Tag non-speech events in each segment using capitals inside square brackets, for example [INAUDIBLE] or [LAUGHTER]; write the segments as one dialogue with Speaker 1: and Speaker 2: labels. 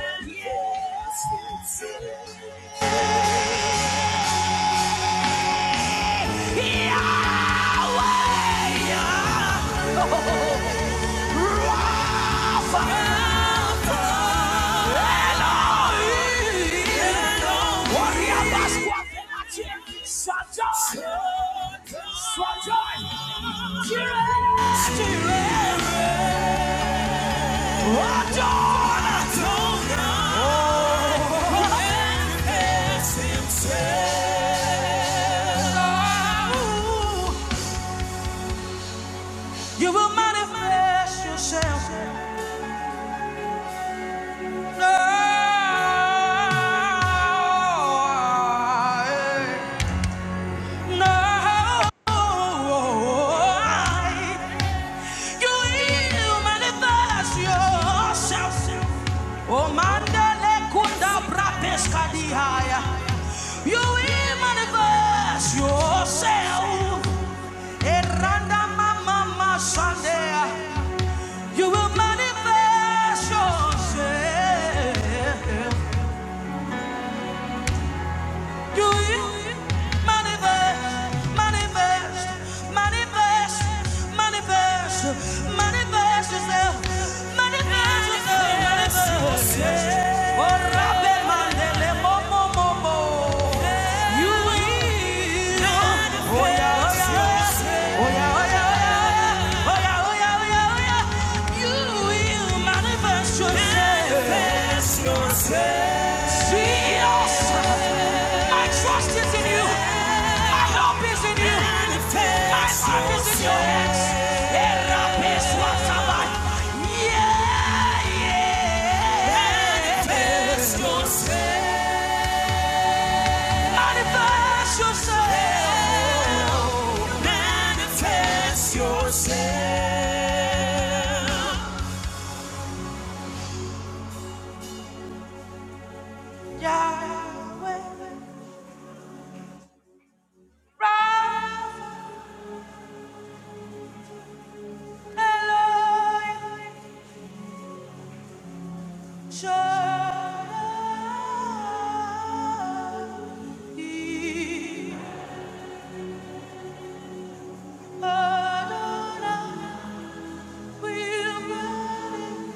Speaker 1: Yes, yes, yes. Swajoy! Swajoy! Swajoy! You will manifest yourself. No, no. You manifest yourself. Oh, mandele kunda brapeska dihaya. You will manifest yourself. Eranda mama masandea. You will manifest yourself. Do you manifest, manifest, manifest, manifest, manifest yourself, manifest yourself, manifest. Yeah. Oh, Rabbe Mandele, mo, mo, mo, mo. You will. Oh, yeah, oh, yeah, oh, yeah. Oh, yeah, oh, yeah, oh, yeah. Oh, yeah, oh, yeah, oh, yeah yeah, yeah, yeah. You will manifest yourself. Jesus, my trust in you. My hope is in you. My life is in your hands. Yeah, yeah. Manifest yourself. Manifest yourself. Yahweh, Rapha, Elohim, Shaddai, Adonai, we're running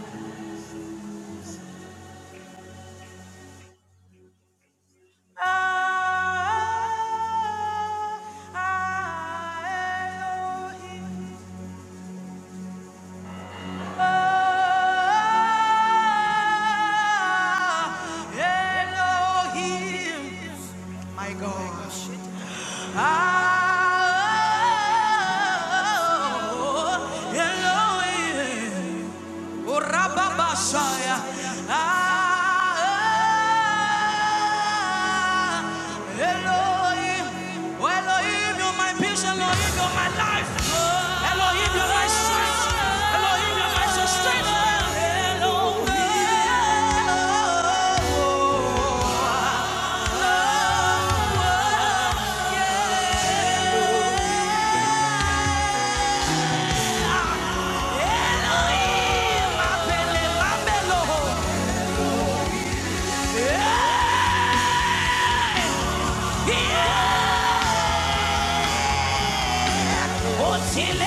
Speaker 1: Ah, Ah, Elohim. My gosh. Ah, Elohim. Urababashaya. Ah, ah. Elohim. Oh, Elohim, you're my peace. Elohim, you're my life. Elohim, you're my strength. Elohim, you're my sustainer. Elohim, Abele, Abelo. Yeah. Yeah. Adonai!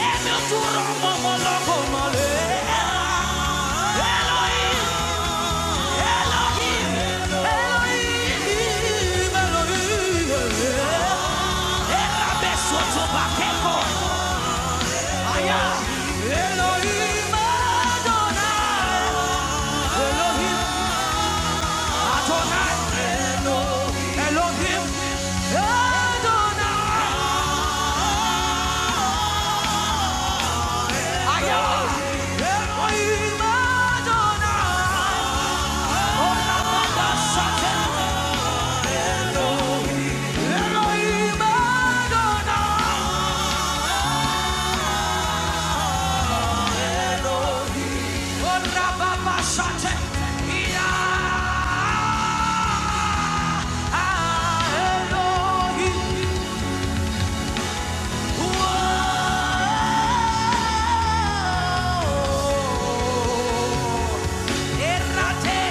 Speaker 1: Errate,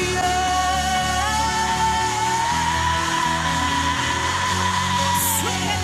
Speaker 1: yeah. Yeah!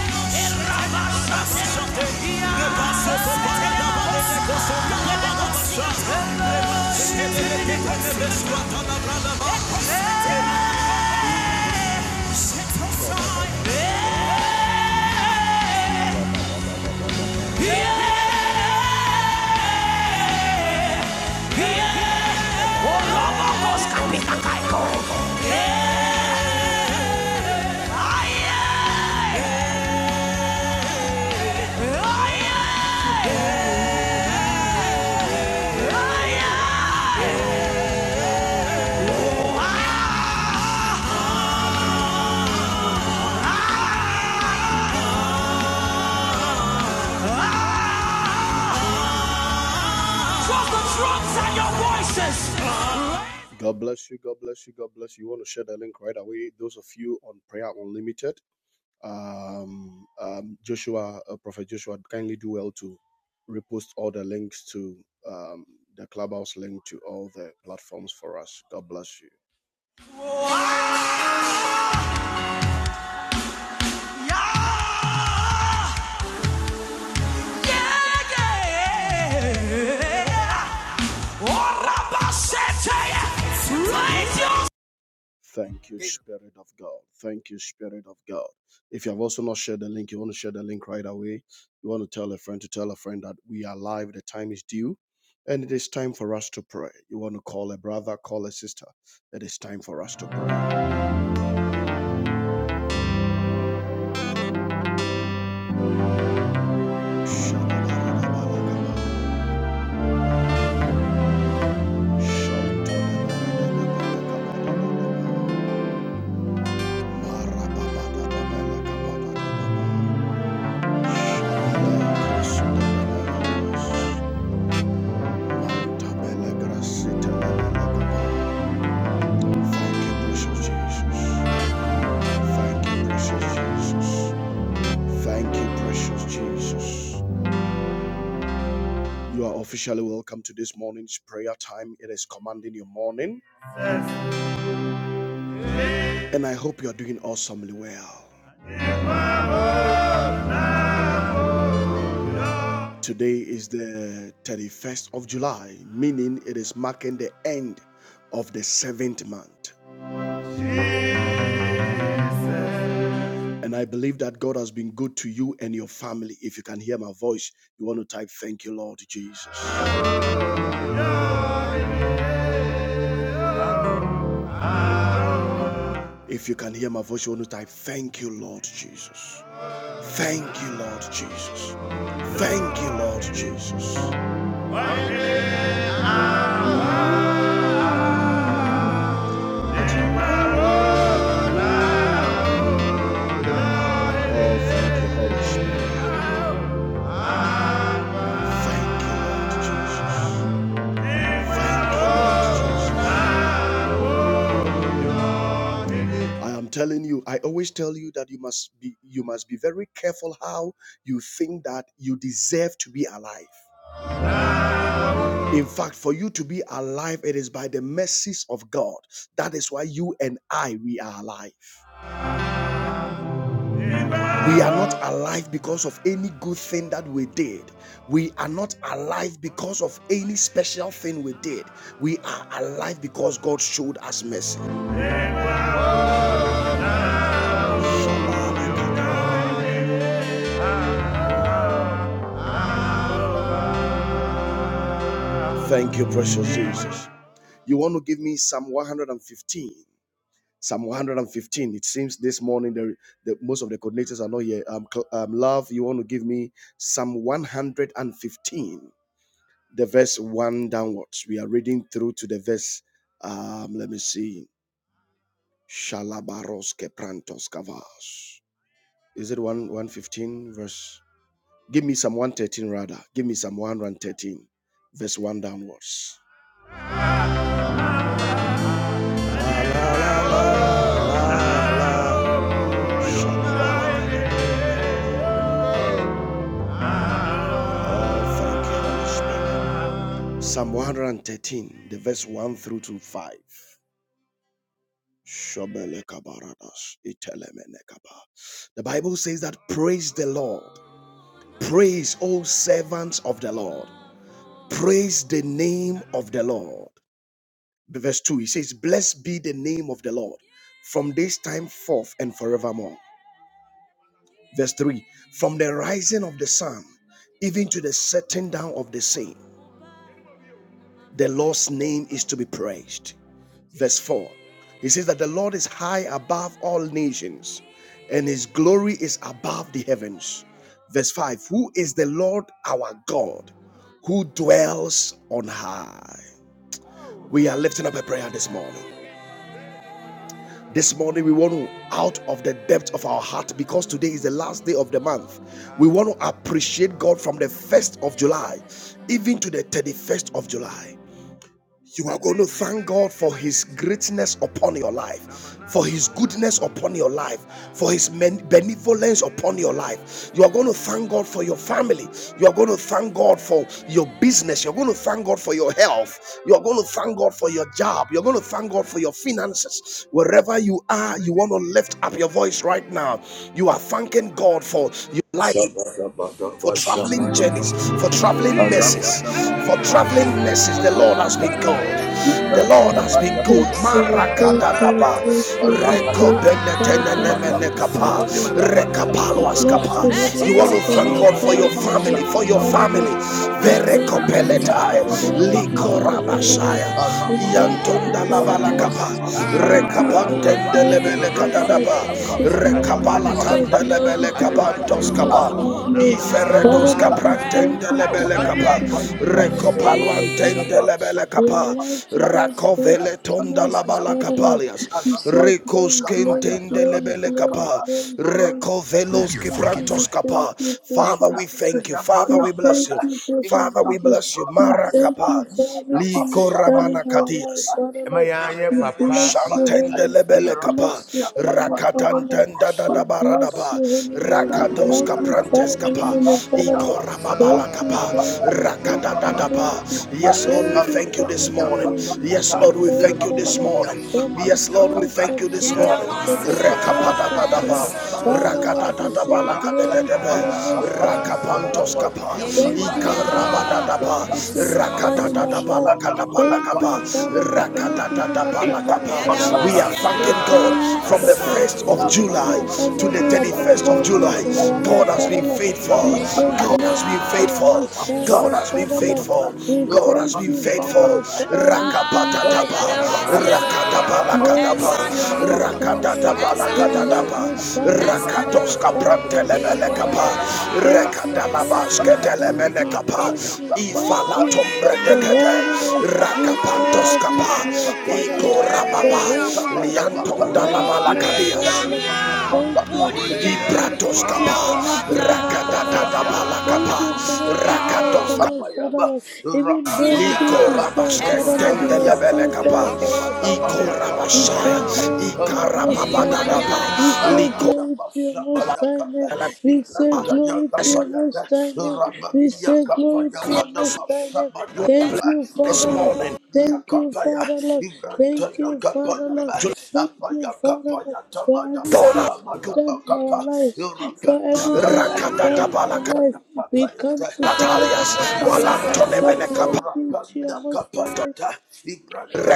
Speaker 1: God bless you. God bless you. God bless you. You want to share the link right away. Those of you on Prayer Unlimited, um, um, Joshua, uh, Prophet Joshua, kindly do well to repost all the links to um, the clubhouse link to all the platforms for us. God bless you. Yeah, yeah, yeah. Thank you, Spirit of God. Thank you, Spirit of God. If you have also not shared the link, you want to share the link right away. You want to tell a friend to tell a friend that we are live, the time is due, and it is time for us to pray. You want to call a brother, call a sister. It is time for us to pray. [LAUGHS] Thank you, precious Jesus. You are officially welcome to this morning's prayer time. It is commanding your morning, Yes. and I hope you are doing awesomely well. Today is the 31st of July, meaning it is marking the end of the seventh month. And I believe that God has been good to you and your family. If you can hear my voice, you want to type, Thank you, Lord Jesus. If you can hear my voice, you want to type, Thank you, Lord Jesus. Thank you, Lord Jesus. Thank you, Lord Jesus. Oh, thank you, Holy Spirit. Thank you, Lord Jesus. Thank you, Lord Jesus. I am telling you, I always tell you that you must be you must be very careful how you think that you deserve to be alive. In fact, for you to be alive, it is by the mercies of God. That is why you and I we are alive. We are not alive because of any good thing that we did. We are not alive because of any special thing we did. We are alive because God showed us mercy. Thank you, precious Jesus. You want to give me Psalm 115. Psalm 115. It seems this morning the, the most of the coordinators are not here. Um, Cl- um, love, you want to give me Psalm 115, the verse one downwards. We are reading through to the verse. Um, let me see. Shalabaros keprantos kavas. Is it one 115 verse? Give me Psalm 113 rather. Give me Psalm 113, verse one downwards. Psalm 113, the verse 1 through to 5. The Bible says that praise the Lord. Praise all servants of the Lord. Praise the name of the Lord. Verse 2, he says, Blessed be the name of the Lord from this time forth and forevermore. Verse 3 From the rising of the sun, even to the setting down of the same, the Lord's name is to be praised. Verse 4 He says that the Lord is high above all nations, and his glory is above the heavens. Verse 5 Who is the Lord our God, who dwells on high? We are lifting up a prayer this morning. This morning, we want to, out of the depth of our heart, because today is the last day of the month, we want to appreciate God from the 1st of July even to the 31st of July. You are going to thank God for His greatness upon your life, for His goodness upon your life, for His benevolence upon your life. You are going to thank God for your family. You are going to thank God for your business. You're going to thank God for your health. You are going to thank God for your job. You're going to thank God for your finances. Wherever you are, you want to lift up your voice right now. You are thanking God for your life for traveling journeys, for traveling messes, for traveling messes. The Lord has been good. The Lord has been good.
Speaker 2: This is the third
Speaker 1: Marakadadaba,
Speaker 2: time Cooper replaced Bart Bacharach as
Speaker 1: rekobenetenenemenekapa,
Speaker 2: Batman. Bless
Speaker 1: rekapaloaskapa.
Speaker 2: the holy
Speaker 1: You want
Speaker 2: name,
Speaker 1: to
Speaker 2: of the
Speaker 1: thank
Speaker 2: high
Speaker 1: God for your
Speaker 2: value,
Speaker 1: family, for
Speaker 2: precious
Speaker 1: your
Speaker 2: Father Lord.
Speaker 1: family.
Speaker 2: We thank you for
Speaker 1: Verekopeletai,
Speaker 2: the life you have,
Speaker 3: Ibrahim
Speaker 2: Father Lord.
Speaker 1: likorabashaya.
Speaker 2: We thank
Speaker 3: Arabia,
Speaker 2: you
Speaker 1: Yantonda
Speaker 2: for
Speaker 1: la
Speaker 2: your
Speaker 3: kapaya
Speaker 1: balakapa,
Speaker 2: mercies.
Speaker 3: madama
Speaker 2: We thank you
Speaker 3: samadama
Speaker 2: for your
Speaker 3: kapa.
Speaker 1: rekapantende
Speaker 2: glory,
Speaker 1: lebele
Speaker 2: Father Lord.
Speaker 1: kadadaba,
Speaker 3: Ramandia
Speaker 2: This
Speaker 3: kapaya
Speaker 2: morning we
Speaker 1: rekapala
Speaker 3: madama
Speaker 2: say
Speaker 1: tanda
Speaker 2: glory be
Speaker 1: lebele
Speaker 3: samadama
Speaker 2: to
Speaker 3: kapa.
Speaker 2: your
Speaker 1: kabantos
Speaker 2: most high
Speaker 1: kapa.
Speaker 2: name.
Speaker 3: Arabia, kapaya
Speaker 2: Father
Speaker 1: Iferredos
Speaker 2: Lord,
Speaker 3: ta.
Speaker 2: we thank
Speaker 1: caprantende
Speaker 2: you for
Speaker 1: lebele
Speaker 3: Ibrantaya
Speaker 1: capa,
Speaker 2: everything
Speaker 3: kapaya
Speaker 2: you've
Speaker 3: na.
Speaker 2: done in your life, Father
Speaker 1: recopaluantende
Speaker 3: Ayamadama
Speaker 2: Lord.
Speaker 1: lebele
Speaker 2: We are
Speaker 1: capa,
Speaker 3: samadama
Speaker 2: alive
Speaker 3: kapa.
Speaker 2: today because of
Speaker 1: racovele
Speaker 2: your
Speaker 3: Ibrantaya
Speaker 1: tonda la
Speaker 2: mercies,
Speaker 1: bala
Speaker 3: madama
Speaker 2: Father
Speaker 3: kapa.
Speaker 2: Lord.
Speaker 1: capalias,
Speaker 2: We say
Speaker 3: Aramandia
Speaker 1: ricos
Speaker 2: glory, glory,
Speaker 3: kapaya
Speaker 1: quintende
Speaker 2: glory,
Speaker 3: tamadia
Speaker 1: lebele
Speaker 2: glory,
Speaker 3: kapa.
Speaker 1: capa,
Speaker 2: glory, glory.
Speaker 3: Ramandia
Speaker 2: We
Speaker 1: recovelos que
Speaker 2: thank you, we
Speaker 1: prantos
Speaker 2: thank
Speaker 1: capa.
Speaker 2: you,
Speaker 1: Father,
Speaker 2: precious
Speaker 1: we
Speaker 2: Jesus.
Speaker 1: thank you. Father,
Speaker 2: We
Speaker 1: we
Speaker 2: thank
Speaker 1: bless you.
Speaker 2: you, precious
Speaker 1: Father, we
Speaker 2: Jesus.
Speaker 1: bless you.
Speaker 2: We
Speaker 1: Mara
Speaker 2: thank
Speaker 1: capa,
Speaker 2: you for everything
Speaker 1: lico
Speaker 2: you've done in
Speaker 1: ramana
Speaker 2: our life,
Speaker 1: cadias.
Speaker 2: Father
Speaker 1: Ɛma
Speaker 2: Lord.
Speaker 1: yɛanyɛ
Speaker 2: We
Speaker 1: papa
Speaker 2: bless your holy name. We
Speaker 1: Shantendelebelekapa,
Speaker 2: bless your holy name, Father Lord. We bless
Speaker 1: Rakatantendadadabaradaba,
Speaker 2: your holy name. We
Speaker 1: Rakados
Speaker 2: magnify
Speaker 1: Caprantes
Speaker 2: your
Speaker 3: Ibrahim
Speaker 1: Kapa,
Speaker 2: holy name, Father Lord. Thank you,
Speaker 1: Ikorababalakapa,
Speaker 2: thank you, thank you, thank
Speaker 1: ba.
Speaker 2: you.
Speaker 1: Yes, Lord,
Speaker 2: Thank
Speaker 1: we
Speaker 2: you
Speaker 1: thank you
Speaker 2: for
Speaker 1: this morning.
Speaker 2: everything you've
Speaker 1: Yes, Lord,
Speaker 2: done
Speaker 1: we
Speaker 2: for us,
Speaker 1: thank you
Speaker 2: Father
Speaker 1: this
Speaker 2: Lord
Speaker 1: morning.
Speaker 2: from the
Speaker 1: Yes, Lord, we
Speaker 2: 1st
Speaker 1: thank
Speaker 2: of
Speaker 1: you this
Speaker 2: July
Speaker 1: morning.
Speaker 2: to the 31st of
Speaker 1: Rekapadadada ba,
Speaker 2: July. Father Lord,
Speaker 1: Rekapadadadaba,
Speaker 2: we
Speaker 1: ba.
Speaker 2: say glory to
Speaker 1: Rabalakadededebe,
Speaker 2: your most high name, Father Lord.
Speaker 1: Rakapantoskapa,
Speaker 2: Thank you, thank you
Speaker 1: Ikarabadadaba,
Speaker 2: for everything you've done in our life. Thank
Speaker 1: Rakadadadabalakadabalakaba,
Speaker 2: you,
Speaker 3: Ibrahim
Speaker 2: Father Lord, for not giving up
Speaker 3: Thank
Speaker 2: on
Speaker 1: Rakadadadabalakaba.
Speaker 2: us, Father Lord,
Speaker 1: We are
Speaker 2: for
Speaker 1: thanking God
Speaker 2: being
Speaker 1: from
Speaker 2: the
Speaker 1: the 1st
Speaker 2: experience.
Speaker 1: of
Speaker 2: We
Speaker 1: July to the
Speaker 2: abundantly above
Speaker 1: 31st of
Speaker 2: what
Speaker 1: July.
Speaker 2: is in our
Speaker 1: God
Speaker 2: life,
Speaker 1: has
Speaker 2: Father
Speaker 1: been
Speaker 2: Lord. We
Speaker 1: faithful.
Speaker 2: say
Speaker 1: God has
Speaker 2: glory
Speaker 1: been
Speaker 2: to your
Speaker 1: faithful.
Speaker 2: most high
Speaker 1: God
Speaker 2: name,
Speaker 1: has been
Speaker 2: Father Lord.
Speaker 1: faithful.
Speaker 2: We
Speaker 1: God has
Speaker 2: thank
Speaker 1: been
Speaker 2: you, Father
Speaker 1: faithful.
Speaker 2: Lord, for always being there
Speaker 1: Rakapatatapa.
Speaker 2: for us, Father Lord. Glory
Speaker 1: Rakatabalakadaba.
Speaker 2: to your most high name. We
Speaker 1: Rakatabalakadaba.
Speaker 2: magnify and
Speaker 1: Rakatoska
Speaker 2: glorify your name, Father
Speaker 1: prantelebelekapa.
Speaker 2: Lord. Thank you, thank you, thank you,
Speaker 1: Rekadalabasketelemelekapa.
Speaker 2: thank you, thank you for
Speaker 1: Ifalatombredekete.
Speaker 2: holding us
Speaker 3: you.
Speaker 2: through all
Speaker 1: Rakapantoskapa.
Speaker 2: these
Speaker 3: Ibrantaya
Speaker 2: years, Father
Speaker 3: kapaya
Speaker 2: Lord.
Speaker 3: tabaya
Speaker 2: For
Speaker 1: Ikorababa.
Speaker 3: masaba
Speaker 2: holding us
Speaker 3: da
Speaker 2: through
Speaker 3: bakabe.
Speaker 2: all these months,
Speaker 1: Liantondalabalakadias.
Speaker 2: Father
Speaker 3: Ibrantaya
Speaker 2: Lord.
Speaker 3: mada
Speaker 2: Thank
Speaker 3: bakaba.
Speaker 2: you, thank you,
Speaker 3: Rabba
Speaker 1: Libratos
Speaker 2: thank you
Speaker 1: kapa,
Speaker 2: for
Speaker 3: kakabe.
Speaker 2: not giving up
Speaker 3: Apaya
Speaker 2: on us.
Speaker 1: rakadadada
Speaker 3: kapaya mada
Speaker 2: Thank
Speaker 1: balakapa,
Speaker 2: you for not
Speaker 3: masaba da
Speaker 2: giving up
Speaker 1: rakatos
Speaker 2: on
Speaker 1: kapa,
Speaker 2: us,
Speaker 3: bakabaya
Speaker 2: Father
Speaker 3: ba.
Speaker 2: Lord. Even
Speaker 3: Rabba
Speaker 2: though we
Speaker 3: diya
Speaker 2: didn't
Speaker 3: kapa.
Speaker 2: deserve,
Speaker 1: likorabaske
Speaker 2: Father
Speaker 3: Rabba
Speaker 2: Lord, you were
Speaker 3: diya
Speaker 1: tendelebele
Speaker 2: still
Speaker 3: kapa.
Speaker 2: there
Speaker 1: kapa,
Speaker 2: for us,
Speaker 3: Ibada
Speaker 2: Father Lord.
Speaker 3: bakabaya
Speaker 2: We
Speaker 1: ikorabashaya,
Speaker 2: say
Speaker 3: tabede.
Speaker 2: glory to your
Speaker 3: Rabba
Speaker 2: most
Speaker 3: diya
Speaker 2: high name.
Speaker 3: kape.
Speaker 1: ikarababadadaba,
Speaker 2: We say
Speaker 3: Ayada
Speaker 1: likorababa.
Speaker 2: glory to your
Speaker 3: masaba
Speaker 2: most high name. We say
Speaker 3: Ibranta ya
Speaker 2: glory to
Speaker 1: Yes,
Speaker 2: your most high name. We say glory to your most high name.
Speaker 1: you are
Speaker 2: Thank you,
Speaker 1: this
Speaker 2: Father Lord.
Speaker 1: morning,
Speaker 2: Thank you, Father Lord. Thank you, Father Lord.
Speaker 1: July
Speaker 2: Thank you, Father Lord, for
Speaker 1: Dora,
Speaker 2: everything done in our lives, for everything you've done
Speaker 1: rakadada
Speaker 2: in our
Speaker 1: balakapa,
Speaker 2: life. We come together as
Speaker 1: Natalias,
Speaker 2: a family and say,
Speaker 1: walantonemene kapa,
Speaker 2: Glory be to your most high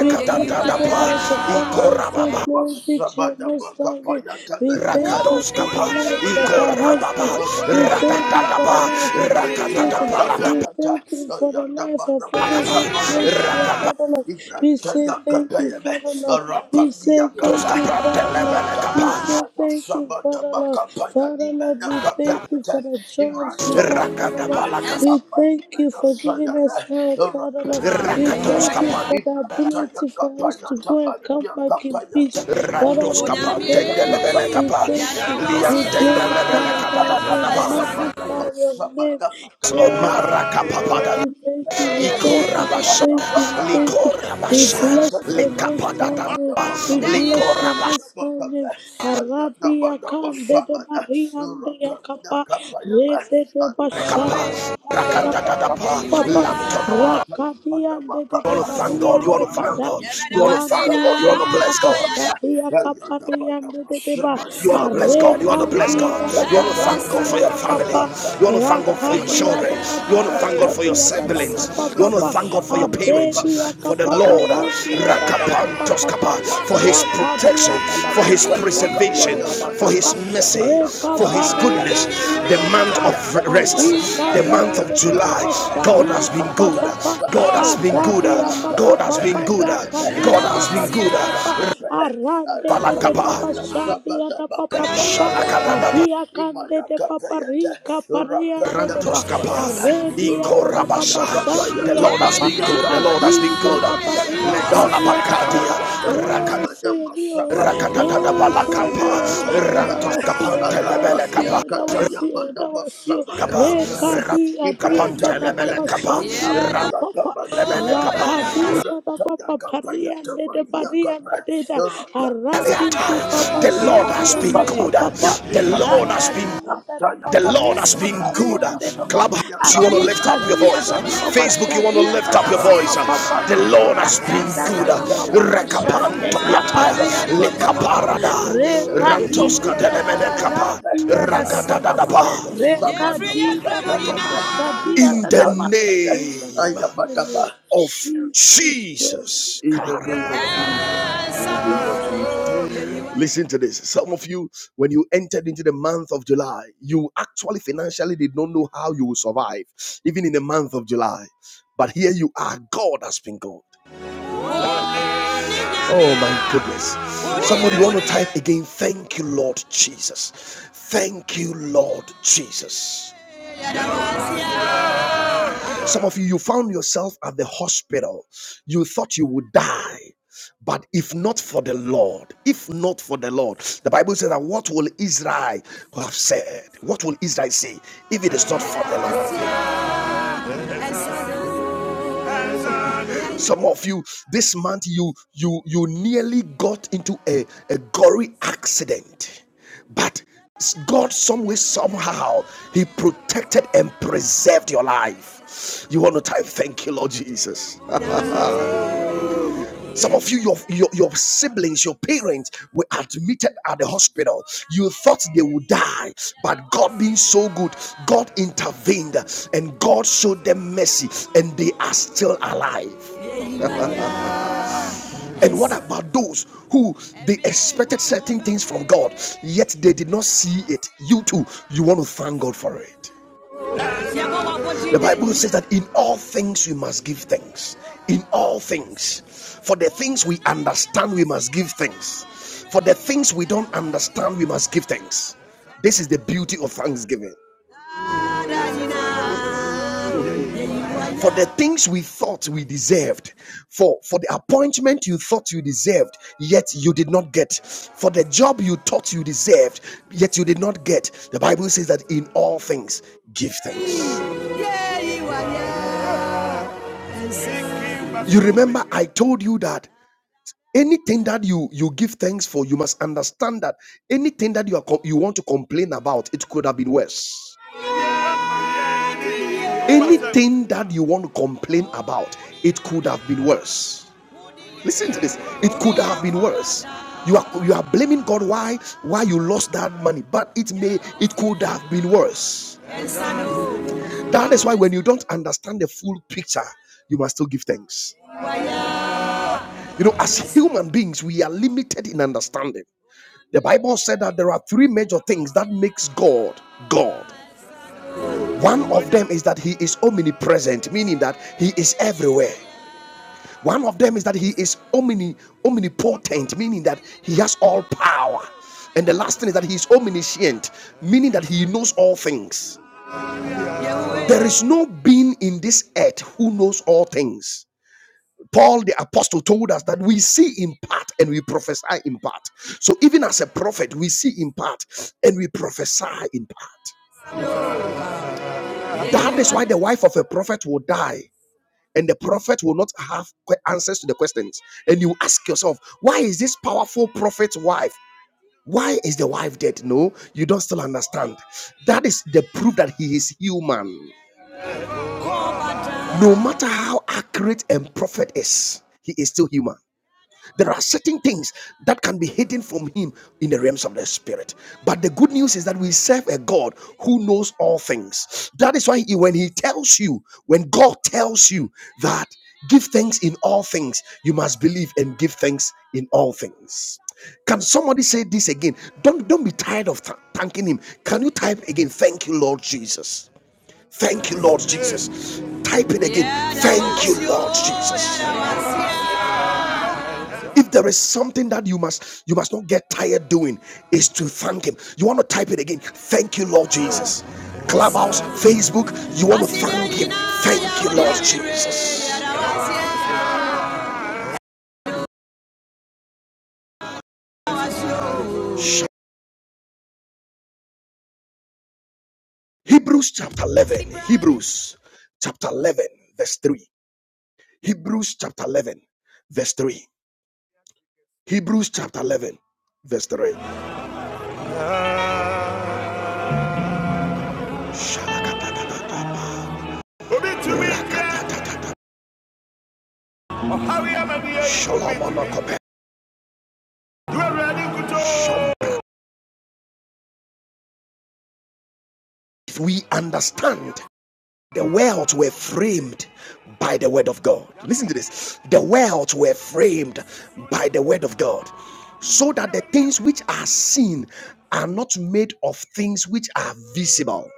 Speaker 2: we come together as a family and say,
Speaker 1: ikorababa.
Speaker 2: Glory be to your most high name. We thank you for the
Speaker 1: Rakadoskapa,
Speaker 2: lives of our
Speaker 1: Ikorababa,
Speaker 2: husbands. We thank you for the
Speaker 1: Rakatadaba,
Speaker 2: lives of our children. We
Speaker 1: Rakatadabalakatoskapa,
Speaker 2: thank you for the life of everyone close to you, Father Lord. We say thank you, Father Lord. We say thank you, Father Lord. We
Speaker 1: Telemelekapa,
Speaker 2: say thank you, Father Lord. Father Lord, we thank you for the jobs we have, Father Lord.
Speaker 1: Rakadabalaka,
Speaker 2: We thank you for giving us health, Father Lord. We
Speaker 3: Ibrahim
Speaker 2: thank you
Speaker 1: Rakatoskapa,
Speaker 2: for
Speaker 3: Thank
Speaker 2: the ability opportunity for us to go and come back in peace. Father Lord, we
Speaker 1: Randoskapa,
Speaker 2: thank you. We
Speaker 1: Tendelebelekapa,
Speaker 2: thank you.
Speaker 1: Liam
Speaker 2: We glorify thy name. We
Speaker 1: Tendelebelekapa,
Speaker 2: magnify your name. Oh, Jesus,
Speaker 1: Slomarakapada,
Speaker 2: we thank you. We thank you. We
Speaker 1: Ikorabasha,
Speaker 2: thank you. We thank you. We
Speaker 1: Likorabasha,
Speaker 2: bless your most high
Speaker 1: Likapadadaba,
Speaker 2: name. We bless your
Speaker 1: Likorabasha,
Speaker 2: most high name. Arabia khan, de Maria and de Yakapa. Rede de de Bashad.
Speaker 3: you.
Speaker 1: Rakatadadaba, Lamtonaba,
Speaker 2: Rakadiande de
Speaker 1: You
Speaker 2: de
Speaker 1: want to thank God. You
Speaker 2: bariande
Speaker 1: want to thank
Speaker 2: kada
Speaker 1: God. You want to thank
Speaker 2: randia
Speaker 1: God. You want
Speaker 2: da
Speaker 1: to bless
Speaker 2: papa
Speaker 1: God.
Speaker 2: shadia kapariande de de ba
Speaker 1: You want to bless God. You want to bless
Speaker 2: arekandi
Speaker 1: God.
Speaker 2: da da
Speaker 1: You want to thank God for
Speaker 2: barandia
Speaker 1: your
Speaker 2: da
Speaker 1: family.
Speaker 2: papa
Speaker 1: You want to thank God for your
Speaker 2: rakadia
Speaker 1: children.
Speaker 2: da
Speaker 1: You want
Speaker 2: papa
Speaker 1: to thank God for your
Speaker 2: shadia da da papa
Speaker 1: siblings. You want to
Speaker 2: papa
Speaker 1: thank God for your
Speaker 2: adedia
Speaker 1: parents. For the Lord,
Speaker 2: kapaparandia da da papa papa
Speaker 1: Rakapantoskapa, for His
Speaker 2: rakadia
Speaker 1: protection, for
Speaker 2: Tata
Speaker 1: His
Speaker 2: Papa, Shandria
Speaker 1: preservation,
Speaker 2: Dada
Speaker 1: for His
Speaker 2: Papa
Speaker 1: mercy,
Speaker 2: Reka
Speaker 1: for His goodness.
Speaker 2: Pariandria
Speaker 1: The
Speaker 2: Dada
Speaker 1: month
Speaker 2: Pa
Speaker 1: of rest,
Speaker 2: Adika
Speaker 1: the month of
Speaker 2: Diande de
Speaker 1: July,
Speaker 2: papa.
Speaker 1: God
Speaker 2: Shadia
Speaker 1: has been
Speaker 3: Ibrahim
Speaker 2: Kapa
Speaker 1: good.
Speaker 2: Papa
Speaker 1: God has been good.
Speaker 2: Adadia Kapa
Speaker 1: God has been
Speaker 2: Papa
Speaker 1: good. God
Speaker 2: Rakadia da
Speaker 1: has been
Speaker 2: Papa
Speaker 1: good.
Speaker 2: Papa Arande de de Baba
Speaker 1: Balakaba,
Speaker 2: Shandia da Papa Papa
Speaker 1: Shalakadaba,
Speaker 2: Adia Kande de Papa Rika Pariande de Ba
Speaker 1: Grantos Kappa,
Speaker 2: Aredia
Speaker 1: Iko
Speaker 2: da da Papa
Speaker 1: Rabashai. The
Speaker 2: Shandia ya
Speaker 1: Lord has
Speaker 2: kapa
Speaker 1: been good. The Lord has been
Speaker 2: adida
Speaker 1: good.
Speaker 2: babaria
Speaker 1: Ledola
Speaker 2: kadia da papa
Speaker 1: Bakadia,
Speaker 2: yewa
Speaker 1: Rakata
Speaker 2: yesu yenio
Speaker 1: Rakatata
Speaker 2: yewa yesu
Speaker 1: Balakapa,
Speaker 2: yenio
Speaker 1: Rantos
Speaker 2: yadawasio
Speaker 1: Kapante Lebele
Speaker 2: yadawasio
Speaker 1: Kappa,
Speaker 2: yadawasio
Speaker 3: Ibrahim
Speaker 2: yadawasio
Speaker 1: Kappa,
Speaker 2: rekadi adia da
Speaker 1: Rakapante
Speaker 2: da
Speaker 1: Lebele
Speaker 2: papa shandia
Speaker 1: Kappa,
Speaker 2: kapapa
Speaker 1: Rantelebele Kappa.
Speaker 2: rakadi da da papa paria de de paria de de da arati
Speaker 3: Ibrahim
Speaker 2: di
Speaker 1: Eliata.
Speaker 2: papa
Speaker 1: The Lord has
Speaker 2: shandia
Speaker 1: been good.
Speaker 2: kapapa
Speaker 1: The Lord has been
Speaker 2: Rakadia da da
Speaker 1: The Lord
Speaker 2: papari
Speaker 1: has been
Speaker 2: papari
Speaker 1: good.
Speaker 2: ande da pa
Speaker 1: Clubhouse, you want to lift up
Speaker 2: arika
Speaker 1: your
Speaker 2: dia
Speaker 1: voice.
Speaker 2: da da papa
Speaker 1: Facebook, you want to
Speaker 2: shadia
Speaker 1: lift
Speaker 2: da
Speaker 1: up
Speaker 2: da
Speaker 1: your voice.
Speaker 2: papa papa
Speaker 1: The Lord has
Speaker 2: rada
Speaker 1: been
Speaker 2: da
Speaker 1: good.
Speaker 2: da da papa papa shande
Speaker 1: Rekapantoliata,
Speaker 2: kapari ande da papa
Speaker 1: lekaparada,
Speaker 2: rekadi
Speaker 1: rantoska
Speaker 2: da da papa
Speaker 1: delemenekapa,
Speaker 2: radia da da papa papa
Speaker 1: ragadadadaba.
Speaker 2: rekadi da da papa shadia
Speaker 1: In
Speaker 2: da
Speaker 1: the
Speaker 2: da papa in the
Speaker 1: name
Speaker 2: mighty name of
Speaker 1: of
Speaker 2: Jesus Christ
Speaker 1: Jesus.
Speaker 3: in the name of Jesus, in the name of Jesus.
Speaker 1: Listen to this. Some of you, when you entered into the month of July, you actually financially did not know how you will survive, even in the month of July. But here you are. God has been God. Oh my goodness. Somebody want to type again. Thank you, Lord Jesus. Thank you, Lord Jesus. Some of you, you found yourself at the hospital. You thought you would die. But if not for the Lord, if not for the Lord, the Bible says that what will Israel have said? What will Israel say if it is not for the Lord? Some of you, this month, you you you nearly got into a, a gory accident, but God, some way, somehow, He protected and preserved your life. You want to type, thank you, Lord Jesus. Some of you, your, your, your siblings, your parents were admitted at the hospital. You thought they would die, but God being so good, God intervened and God showed them mercy, and they are still alive. [LAUGHS] And what about those who they expected certain things from God, yet they did not see it? You too, you want to thank God for it. The Bible says that in all things we must give thanks. In all things. For the things we understand, we must give thanks. For the things we don't understand, we must give thanks. This is the beauty of thanksgiving. For the things we thought we deserved, for, for the appointment you thought you deserved, yet you did not get, for the job you thought you deserved, yet you did not get. The Bible says that in all things, give thanks. You remember I told you that anything that you you give thanks for, you must understand that anything that you are com- you want to complain about, it could have been worse. Anything that you want to complain about, it could have been worse. Listen to this. It could have been worse. You are you are blaming God why why you lost that money, but it may it could have been worse. That is why when you don't understand the full picture, you must still give thanks. You know, as human beings, we are limited in understanding. The Bible said that there are three major things that makes God God. One of them is that he is omnipresent, meaning that he is everywhere. One of them is that he is omni omnipotent, meaning that he has all power. And the last thing is that he is omniscient, meaning that he knows all things. There is no being in this earth who knows all things. Paul the apostle told us that we see in part and we prophesy in part. So even as a prophet, we see in part and we prophesy in part. That is why the wife of a prophet will die and the prophet will not have answers to the questions. And you ask yourself, why is this powerful prophet's wife? Why is the wife dead? No, you don't still understand. That is the proof that he is human. No matter how accurate a prophet is, he is still human. There are certain things that can be hidden from him in the realms of the spirit. But the good news is that we serve a God who knows all things. That is why he- when he tells you, when God tells you that give thanks in all things, you must believe and give thanks in all things. Can somebody say this again? Don't don't be tired of th- thanking him. Can you type again? Thank you, Lord Jesus. Thank you, Lord Jesus. Type it again. Thank you, Lord Jesus if there is something that you must you must not get tired doing is to thank him you want to type it again thank you lord jesus clubhouse facebook you want to thank him thank you lord jesus hebrews chapter 11 hebrews chapter 11 verse 3 hebrews chapter 11 verse 3 hebrews chapter 11 verse 3 if we understand The worlds were framed by the word of God. Listen to this. The worlds were framed by the word of God, so that the things which are seen are not made of things which are visible.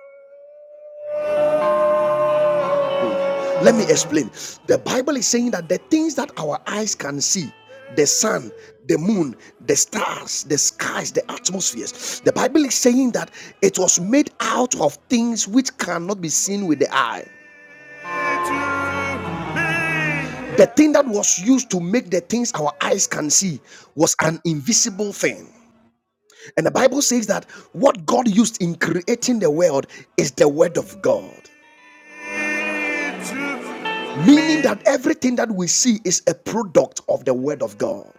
Speaker 1: Let me explain. The Bible is saying that the things that our eyes can see, the sun, the moon, the stars, the skies, the atmospheres, the Bible is saying that it was made out of things which cannot be seen with the eye. The thing that was used to make the things our eyes can see was an invisible thing. And the Bible says that what God used in creating the world is the Word of God. Meaning that everything that we see is a product of the Word of God.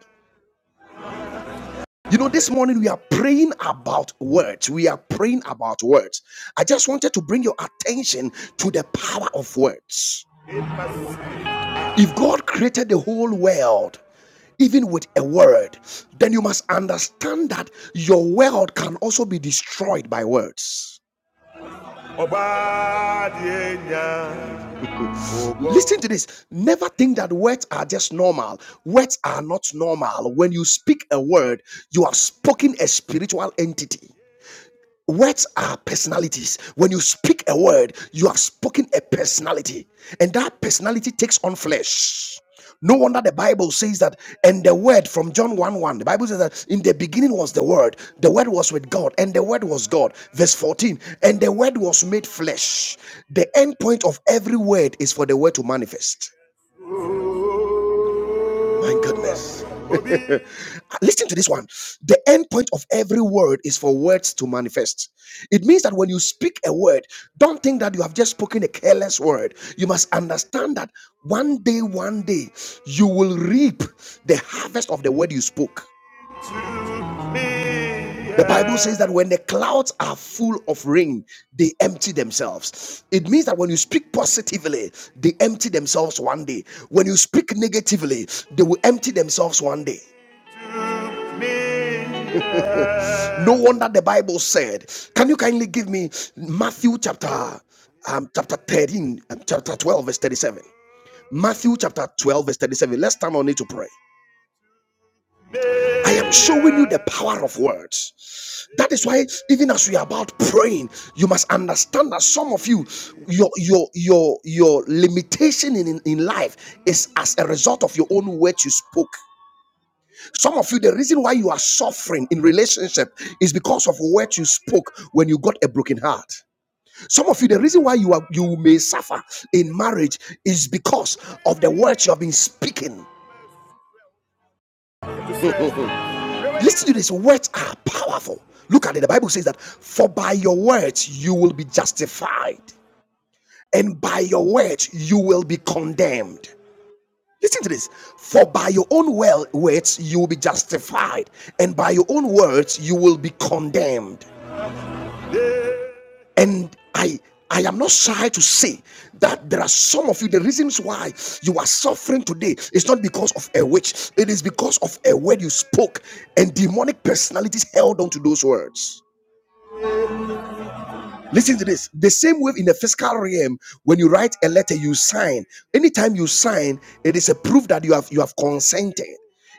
Speaker 1: You know, this morning we are praying about words. We are praying about words. I just wanted to bring your attention to the power of words. If God created the whole world even with a word, then you must understand that your world can also be destroyed by words. [LAUGHS] Listen to this. Never think that words are just normal. Words are not normal. When you speak a word, you have spoken a spiritual entity. Words are personalities. When you speak a word, you have spoken a personality, and that personality takes on flesh. No wonder the Bible says that, and the word from John 1 1, the Bible says that in the beginning was the word, the word was with God, and the word was God. Verse 14, and the word was made flesh. The end point of every word is for the word to manifest. My goodness. Uh, Listen to this one. The end point of every word is for words to manifest. It means that when you speak a word, don't think that you have just spoken a careless word. You must understand that one day, one day, you will reap the harvest of the word you spoke. The Bible says that when the clouds are full of rain, they empty themselves. It means that when you speak positively, they empty themselves one day. When you speak negatively, they will empty themselves one day. No wonder the Bible said, Can you kindly give me Matthew chapter um, chapter 13, um, chapter 12, verse 37? Matthew chapter 12, verse 37. Let's stand on it to pray. I am showing you the power of words. That is why, even as we are about praying, you must understand that some of you, your your your your limitation in in life is as a result of your own words you spoke. Some of you, the reason why you are suffering in relationship is because of what you spoke when you got a broken heart. Some of you, the reason why you are you may suffer in marriage is because of the words you have been speaking. Listen to this: words are powerful. Look at it. The Bible says that for by your words you will be justified, and by your words you will be condemned. Listen to this. For by your own well words you will be justified, and by your own words you will be condemned. and i i am not shy to say that there are some of you the reasons why you are suffering today is not because of a witch it is because of a word you spoke and demonic personalities held on to those words Listen to this. The same way in the fiscal realm, when you write a letter, you sign. Anytime you sign, it is a proof that you have you have consented.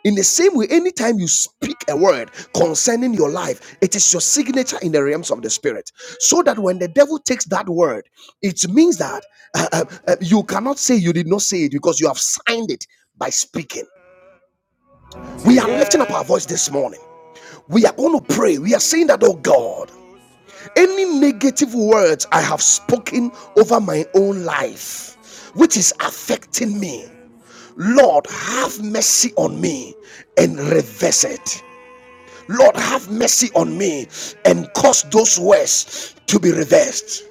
Speaker 1: In the same way, anytime you speak a word concerning your life, it is your signature in the realms of the spirit. So that when the devil takes that word, it means that uh, uh, uh, you cannot say you did not say it because you have signed it by speaking. We are lifting up our voice this morning. We are going to pray. We are saying that, oh God any negative words I have spoken over my own life, which is affecting me, Lord, have mercy on me and reverse it. Lord, have mercy on me and cause those words to be reversed.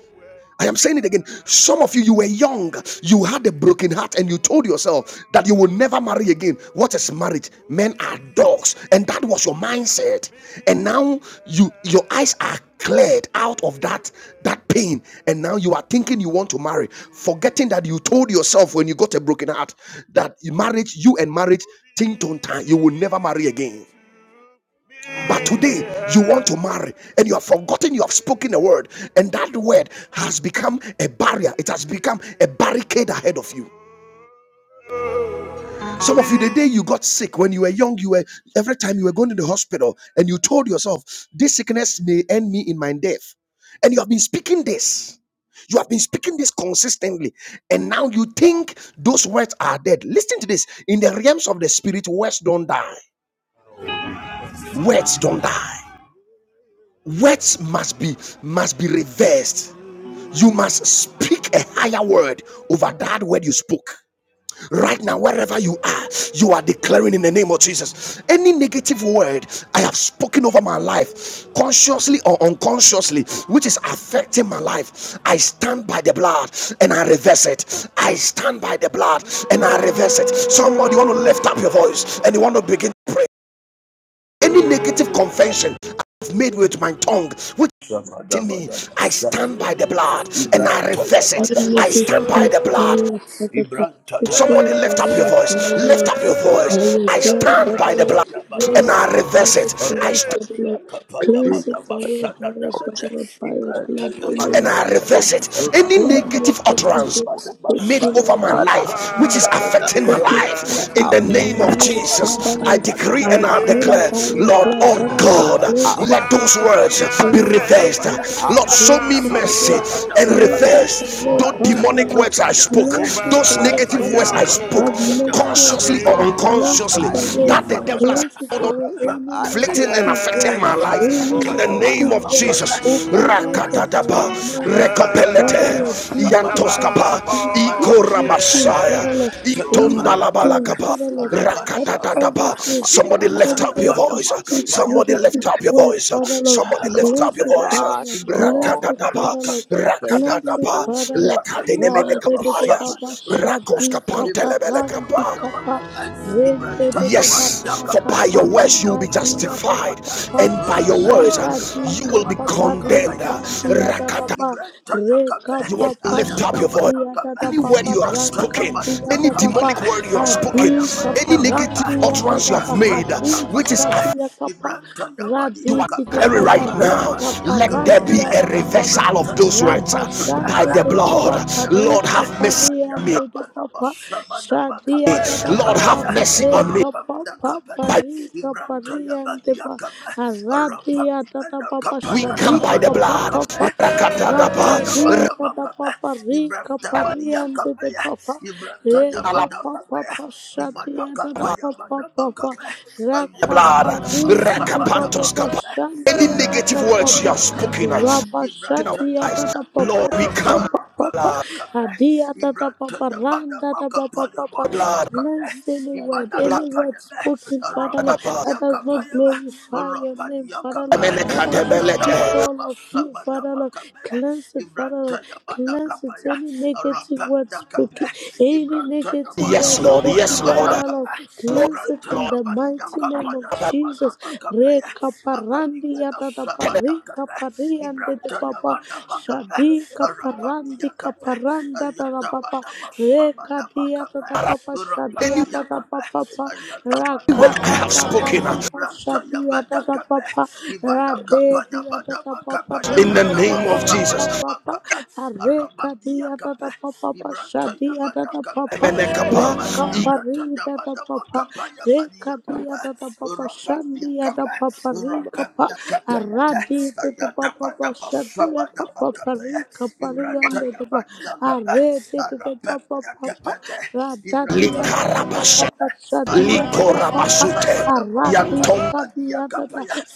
Speaker 1: I am saying it again. Some of you, you were young, you had a broken heart, and you told yourself that you will never marry again. What is marriage? Men are dogs, and that was your mindset. And now you your eyes are cleared out of that that pain and now you are thinking you want to marry forgetting that you told yourself when you got a broken heart that marriage you and marriage ting tong time you will never marry again but today you want to marry and you have forgotten you have spoken a word, and that word has become a barrier, it has become a barricade ahead of you. Some of you, the day you got sick when you were young, you were every time you were going to the hospital and you told yourself, This sickness may end me in my death. And you have been speaking this. You have been speaking this consistently, and now you think those words are dead. Listen to this in the realms of the spirit, words don't die. Words don't die. words must be must be reversed you must speak a higher word over that word you spoke right now wherever you are you are declaring in the name of jesus any negative word i have spoken over my life consciously or unconsciously which is affecting my life i stand by the blood and i reverse it i stand by the blood and i reverse it somebody want to lift up your voice and you want to begin to pray any negative convention I've made with my tongue which in me,
Speaker 3: Shabadabadaba,
Speaker 1: I stand by
Speaker 3: shabadaba.
Speaker 1: the blood and I reverse
Speaker 2: Cleanse
Speaker 1: it.
Speaker 3: Ibrantayabadaba,
Speaker 2: it
Speaker 1: I
Speaker 2: away
Speaker 1: stand by the blood.
Speaker 3: shabadabadaba.
Speaker 2: from us, Father,
Speaker 1: Somebody
Speaker 3: Ibrantayabadaba,
Speaker 1: lift up your voice.
Speaker 3: shabadabadaba.
Speaker 1: Lift up your voice. I stand by the blood and
Speaker 3: Rapanyakabrantayabadaba,
Speaker 1: I
Speaker 3: kaba.
Speaker 1: reverse it. I stand
Speaker 4: In the
Speaker 3: Rapanyakapayabadaba,
Speaker 4: light of
Speaker 3: shabadabada.
Speaker 2: Lord, by your
Speaker 4: that
Speaker 2: blood,
Speaker 4: This is
Speaker 1: and
Speaker 2: enemy.
Speaker 3: Ibrantayabadaba,
Speaker 1: I
Speaker 4: I
Speaker 3: kaba.
Speaker 1: reverse
Speaker 4: don't call it
Speaker 1: it. Any
Speaker 2: Any
Speaker 4: a
Speaker 2: more
Speaker 1: negative
Speaker 2: that is
Speaker 4: legacy
Speaker 1: utterance
Speaker 2: being
Speaker 3: Rapanyakapayabadaba,
Speaker 1: made
Speaker 2: spoken
Speaker 1: over
Speaker 2: out
Speaker 1: my
Speaker 2: of
Speaker 4: God.
Speaker 1: life,
Speaker 3: shabadabada.
Speaker 4: I
Speaker 2: my
Speaker 1: which
Speaker 2: mouth,
Speaker 1: is
Speaker 4: took
Speaker 3: Makabada,
Speaker 1: affecting my
Speaker 2: Speaking
Speaker 1: life.
Speaker 2: out of
Speaker 1: In
Speaker 4: out
Speaker 3: Orabanda
Speaker 1: the
Speaker 2: my
Speaker 4: of
Speaker 1: name
Speaker 3: Kaba,
Speaker 1: of
Speaker 2: mouth,
Speaker 4: sin,
Speaker 3: Arina
Speaker 2: Father
Speaker 1: Jesus, I
Speaker 2: Lord,
Speaker 1: decree
Speaker 3: Kabadiya
Speaker 2: I
Speaker 1: and I
Speaker 4: out of
Speaker 3: Kabada,
Speaker 2: stand
Speaker 1: declare,
Speaker 2: by your
Speaker 1: Lord,
Speaker 2: blood,
Speaker 4: neglect,
Speaker 1: oh
Speaker 3: Ibrantaya
Speaker 2: Father Lord,
Speaker 1: God,
Speaker 3: Kabaya,
Speaker 4: out
Speaker 2: cleanse it
Speaker 1: let
Speaker 3: Madama
Speaker 2: for
Speaker 1: those
Speaker 2: us,
Speaker 4: of
Speaker 1: words
Speaker 3: Kabaya,
Speaker 1: be
Speaker 4: pain,
Speaker 3: Madama
Speaker 2: cleanse it,
Speaker 3: Kabaya,
Speaker 2: Father
Speaker 1: reversed.
Speaker 2: Lord,
Speaker 4: out
Speaker 1: Lord,
Speaker 4: of
Speaker 1: show me
Speaker 2: cleanse
Speaker 3: Abadama
Speaker 2: it
Speaker 4: tears.
Speaker 1: mercy
Speaker 2: away,
Speaker 1: and
Speaker 3: Sabadama
Speaker 2: cleanse
Speaker 3: Kaba,
Speaker 4: Oh
Speaker 2: it
Speaker 1: reverse
Speaker 2: away,
Speaker 1: those
Speaker 4: God,
Speaker 2: Father
Speaker 3: Ibrantaya
Speaker 1: demonic
Speaker 4: I
Speaker 2: Lord,
Speaker 1: words I
Speaker 4: pray,
Speaker 3: Kabaya,
Speaker 1: spoke,
Speaker 3: Bada,
Speaker 2: cleanse it
Speaker 1: those
Speaker 4: I
Speaker 2: away,
Speaker 1: negative
Speaker 4: pray,
Speaker 2: Father
Speaker 3: Ayabadiya
Speaker 1: words I
Speaker 2: Lord,
Speaker 4: oh
Speaker 1: spoke,
Speaker 2: have
Speaker 4: God,
Speaker 3: Kabrantaya,
Speaker 2: mercy on
Speaker 3: Madama
Speaker 2: us
Speaker 1: consciously or
Speaker 2: and
Speaker 3: Kabaya,
Speaker 4: that
Speaker 2: cleanse it
Speaker 1: unconsciously,
Speaker 4: I
Speaker 2: away.
Speaker 3: Abadiya
Speaker 1: that
Speaker 4: reverse
Speaker 1: the devil
Speaker 4: it,
Speaker 3: Kabada,
Speaker 1: has
Speaker 2: Cleanse it away any
Speaker 4: I
Speaker 3: Orabanda
Speaker 1: afflicting and
Speaker 3: Kabaya,
Speaker 2: negative
Speaker 4: reverse
Speaker 3: Bada,
Speaker 1: affecting
Speaker 2: word,
Speaker 1: my life
Speaker 2: any
Speaker 4: with
Speaker 1: in
Speaker 4: the
Speaker 1: the
Speaker 3: Ibrantaya
Speaker 4: blood
Speaker 1: name of
Speaker 4: of
Speaker 2: negative
Speaker 3: Madama
Speaker 2: word
Speaker 3: Kaba,
Speaker 4: Jesus,
Speaker 1: Jesus.
Speaker 2: spoken out of
Speaker 3: Arabadiya
Speaker 1: Rakatadaba,
Speaker 2: our mouth. Father
Speaker 3: Kabada,
Speaker 1: Rekopelete,
Speaker 2: Lord,
Speaker 4: the
Speaker 2: give to
Speaker 4: blood
Speaker 2: us
Speaker 4: of
Speaker 2: that
Speaker 1: Yantoskapa,
Speaker 4: Jesus, I
Speaker 2: give to
Speaker 4: reverse the
Speaker 2: everything,
Speaker 1: Ikoramashaya,
Speaker 2: Father
Speaker 4: blood of
Speaker 2: Lord,
Speaker 4: Jesus.
Speaker 2: anything,
Speaker 1: Intondalabalakapa.
Speaker 2: Father Lord,
Speaker 4: My
Speaker 2: that
Speaker 4: son,
Speaker 1: Rakatadadaba.
Speaker 2: causes us,
Speaker 1: Somebody lift
Speaker 2: causes
Speaker 1: up your
Speaker 2: us to
Speaker 1: voice.
Speaker 2: speak
Speaker 1: Somebody
Speaker 2: negative
Speaker 1: lift
Speaker 3: Ibrahim,
Speaker 1: up your
Speaker 2: word,
Speaker 1: voice.
Speaker 2: Father Lord,
Speaker 1: Somebody lift up
Speaker 2: cleanse
Speaker 1: your
Speaker 2: it,
Speaker 1: voice.
Speaker 2: Father
Speaker 4: My
Speaker 2: Lord, cleanse
Speaker 4: God,
Speaker 2: it,
Speaker 1: Rakatadaba.
Speaker 2: Father Lord,
Speaker 4: thank
Speaker 2: cleanse
Speaker 4: you,
Speaker 2: it,
Speaker 1: Rakatadaba.
Speaker 4: O God,
Speaker 2: Father Lord,
Speaker 4: in
Speaker 2: Ram
Speaker 4: the
Speaker 2: de de
Speaker 4: name of
Speaker 2: de baba
Speaker 1: Lekadenemenekaparias.
Speaker 2: shadi kapa
Speaker 4: Jesus.
Speaker 2: ram de
Speaker 1: Rakoskapantelebelekapa.
Speaker 2: kapa, ren de de de
Speaker 1: Yes, for
Speaker 2: baraka
Speaker 1: by your
Speaker 2: pari
Speaker 1: words you will be
Speaker 2: adia da da
Speaker 1: justified,
Speaker 2: baba,
Speaker 1: and by your words uh,
Speaker 2: shada di
Speaker 1: you will be
Speaker 2: kapa
Speaker 1: condemned. Uh,
Speaker 2: pari dia da da
Speaker 1: Rakata,
Speaker 2: ba reka
Speaker 1: you
Speaker 2: pa
Speaker 1: want to
Speaker 2: pa
Speaker 1: lift up
Speaker 2: sha
Speaker 1: your voice.
Speaker 2: dia da da
Speaker 1: Any
Speaker 2: ba
Speaker 1: word
Speaker 2: ba
Speaker 1: you have
Speaker 2: ranka
Speaker 1: spoken,
Speaker 2: dia
Speaker 1: any
Speaker 2: da da ba
Speaker 1: demonic word you have
Speaker 2: adi
Speaker 1: spoken,
Speaker 2: ka pa
Speaker 1: any
Speaker 2: ran
Speaker 1: negative
Speaker 2: dia da
Speaker 1: utterance
Speaker 2: da
Speaker 1: you have
Speaker 2: ba
Speaker 1: made, uh,
Speaker 2: adi
Speaker 1: which is
Speaker 2: sha
Speaker 3: Ibrahim
Speaker 1: affecting
Speaker 2: dia ka pa
Speaker 3: Libranta Yamadi
Speaker 2: radi
Speaker 1: you are
Speaker 2: ti ti
Speaker 3: Yakaba,
Speaker 2: pa
Speaker 1: declaring
Speaker 2: pa
Speaker 1: right now,
Speaker 2: reka
Speaker 3: Arabadi
Speaker 2: pa
Speaker 1: let
Speaker 2: ran
Speaker 1: there be
Speaker 2: dia
Speaker 3: Yakabayaba,
Speaker 1: a
Speaker 2: da da ba ba
Speaker 1: reversal
Speaker 3: Libranta
Speaker 1: of those
Speaker 3: Yamadi
Speaker 1: words
Speaker 2: raba
Speaker 1: uh,
Speaker 3: Yakaba,
Speaker 2: shande
Speaker 1: by
Speaker 2: de
Speaker 1: the
Speaker 2: de ka pa
Speaker 1: blood.
Speaker 3: Randa
Speaker 2: pa
Speaker 1: Lord,
Speaker 3: Yakaba,
Speaker 2: reka
Speaker 1: have
Speaker 2: pa
Speaker 1: mercy
Speaker 2: re
Speaker 1: on
Speaker 2: ande
Speaker 1: me.
Speaker 2: de
Speaker 3: Ayada
Speaker 2: de pa
Speaker 3: Manaba
Speaker 2: pa
Speaker 3: Sabana
Speaker 2: sha dia
Speaker 3: Makabadi
Speaker 2: da da ba
Speaker 1: Lord,
Speaker 2: ba
Speaker 1: have
Speaker 3: Yakabada,
Speaker 2: ba
Speaker 1: mercy on me.
Speaker 2: reka
Speaker 3: Rabam
Speaker 2: pa pa pa
Speaker 3: Dakabada,
Speaker 2: reka pa
Speaker 3: Libranta
Speaker 2: re ande
Speaker 3: Yamadi
Speaker 2: ba
Speaker 3: Yakaba, Arabam
Speaker 2: Aradia tata papa
Speaker 1: we
Speaker 3: Manakapaya
Speaker 1: come
Speaker 2: shadia
Speaker 1: by the
Speaker 2: ka
Speaker 3: Tabana
Speaker 2: pa
Speaker 1: blood.
Speaker 2: pa pa
Speaker 3: Makaba, Libranta
Speaker 2: rakadi
Speaker 1: Rakatadaba,
Speaker 3: Yamada
Speaker 2: ta ta pa
Speaker 3: Makaba,
Speaker 2: pa ri ka
Speaker 3: Libranta
Speaker 2: pa ri
Speaker 3: Madia
Speaker 2: ande de
Speaker 3: Kabaya,
Speaker 2: pa pa e
Speaker 3: Libranta
Speaker 2: ka
Speaker 3: Yamada
Speaker 2: pa pa
Speaker 3: Kabaya,
Speaker 2: pa shadia
Speaker 3: Imana
Speaker 2: da da pa
Speaker 3: Kapaya
Speaker 2: pa pa pa
Speaker 3: Manaba
Speaker 2: raka pa ri di di pa pa pa
Speaker 1: Any
Speaker 2: shadia ta pa
Speaker 1: negative
Speaker 2: pa
Speaker 1: words you
Speaker 2: pa
Speaker 1: have spoken uh,
Speaker 2: raba
Speaker 1: in our
Speaker 2: shadia
Speaker 1: lives,
Speaker 2: ta ta pa pa
Speaker 1: Lord, we
Speaker 2: pa pa
Speaker 1: come.
Speaker 2: pa pa pa
Speaker 1: Blood,
Speaker 2: adia ta ta pa pa randa ta pa pa pa pa
Speaker 1: blood,
Speaker 2: cleanse any word any
Speaker 1: blood,
Speaker 2: word spoken father Lord that does not glorify your name Father Lord, that does not speak well of you, Father Lord. Cleanse it, Father Lord. Cleanse it. Any negative word spoken, any negative word
Speaker 1: Yes, Lord. Yes,
Speaker 2: spoken,
Speaker 1: Lord.
Speaker 2: Father Lord.
Speaker 3: Ibrahim
Speaker 1: Lord,
Speaker 2: Cleanse
Speaker 3: Ibrahim
Speaker 2: it in
Speaker 1: Lord.
Speaker 2: the mighty name of Jesus. Rekaparandi yadadapari kapari and de papa. Shadi kaparandi kaparanda dadapapa. Rekadi yadadapapa. Shadi
Speaker 1: Any
Speaker 2: yadadapapa.
Speaker 1: word I have spoken uh,
Speaker 2: Rakata shadi yada da papa rade di yada da papa
Speaker 1: in the
Speaker 2: rika
Speaker 1: name
Speaker 2: papa
Speaker 1: of
Speaker 2: papa
Speaker 1: Jesus.
Speaker 2: papa areka di yada da papa papa
Speaker 3: Ibrahim,
Speaker 2: shadi yada da
Speaker 3: Ibrahim,
Speaker 2: papa raka pari da da papa reka di yada da papa shandi yada papa rika pa aradi di di papa papa shadi yada papa rika pari yanda di ba arede di di papa papa Radadiya da da pa pa pa, shadiya da da Aradia
Speaker 1: Yantom.
Speaker 2: Kadianda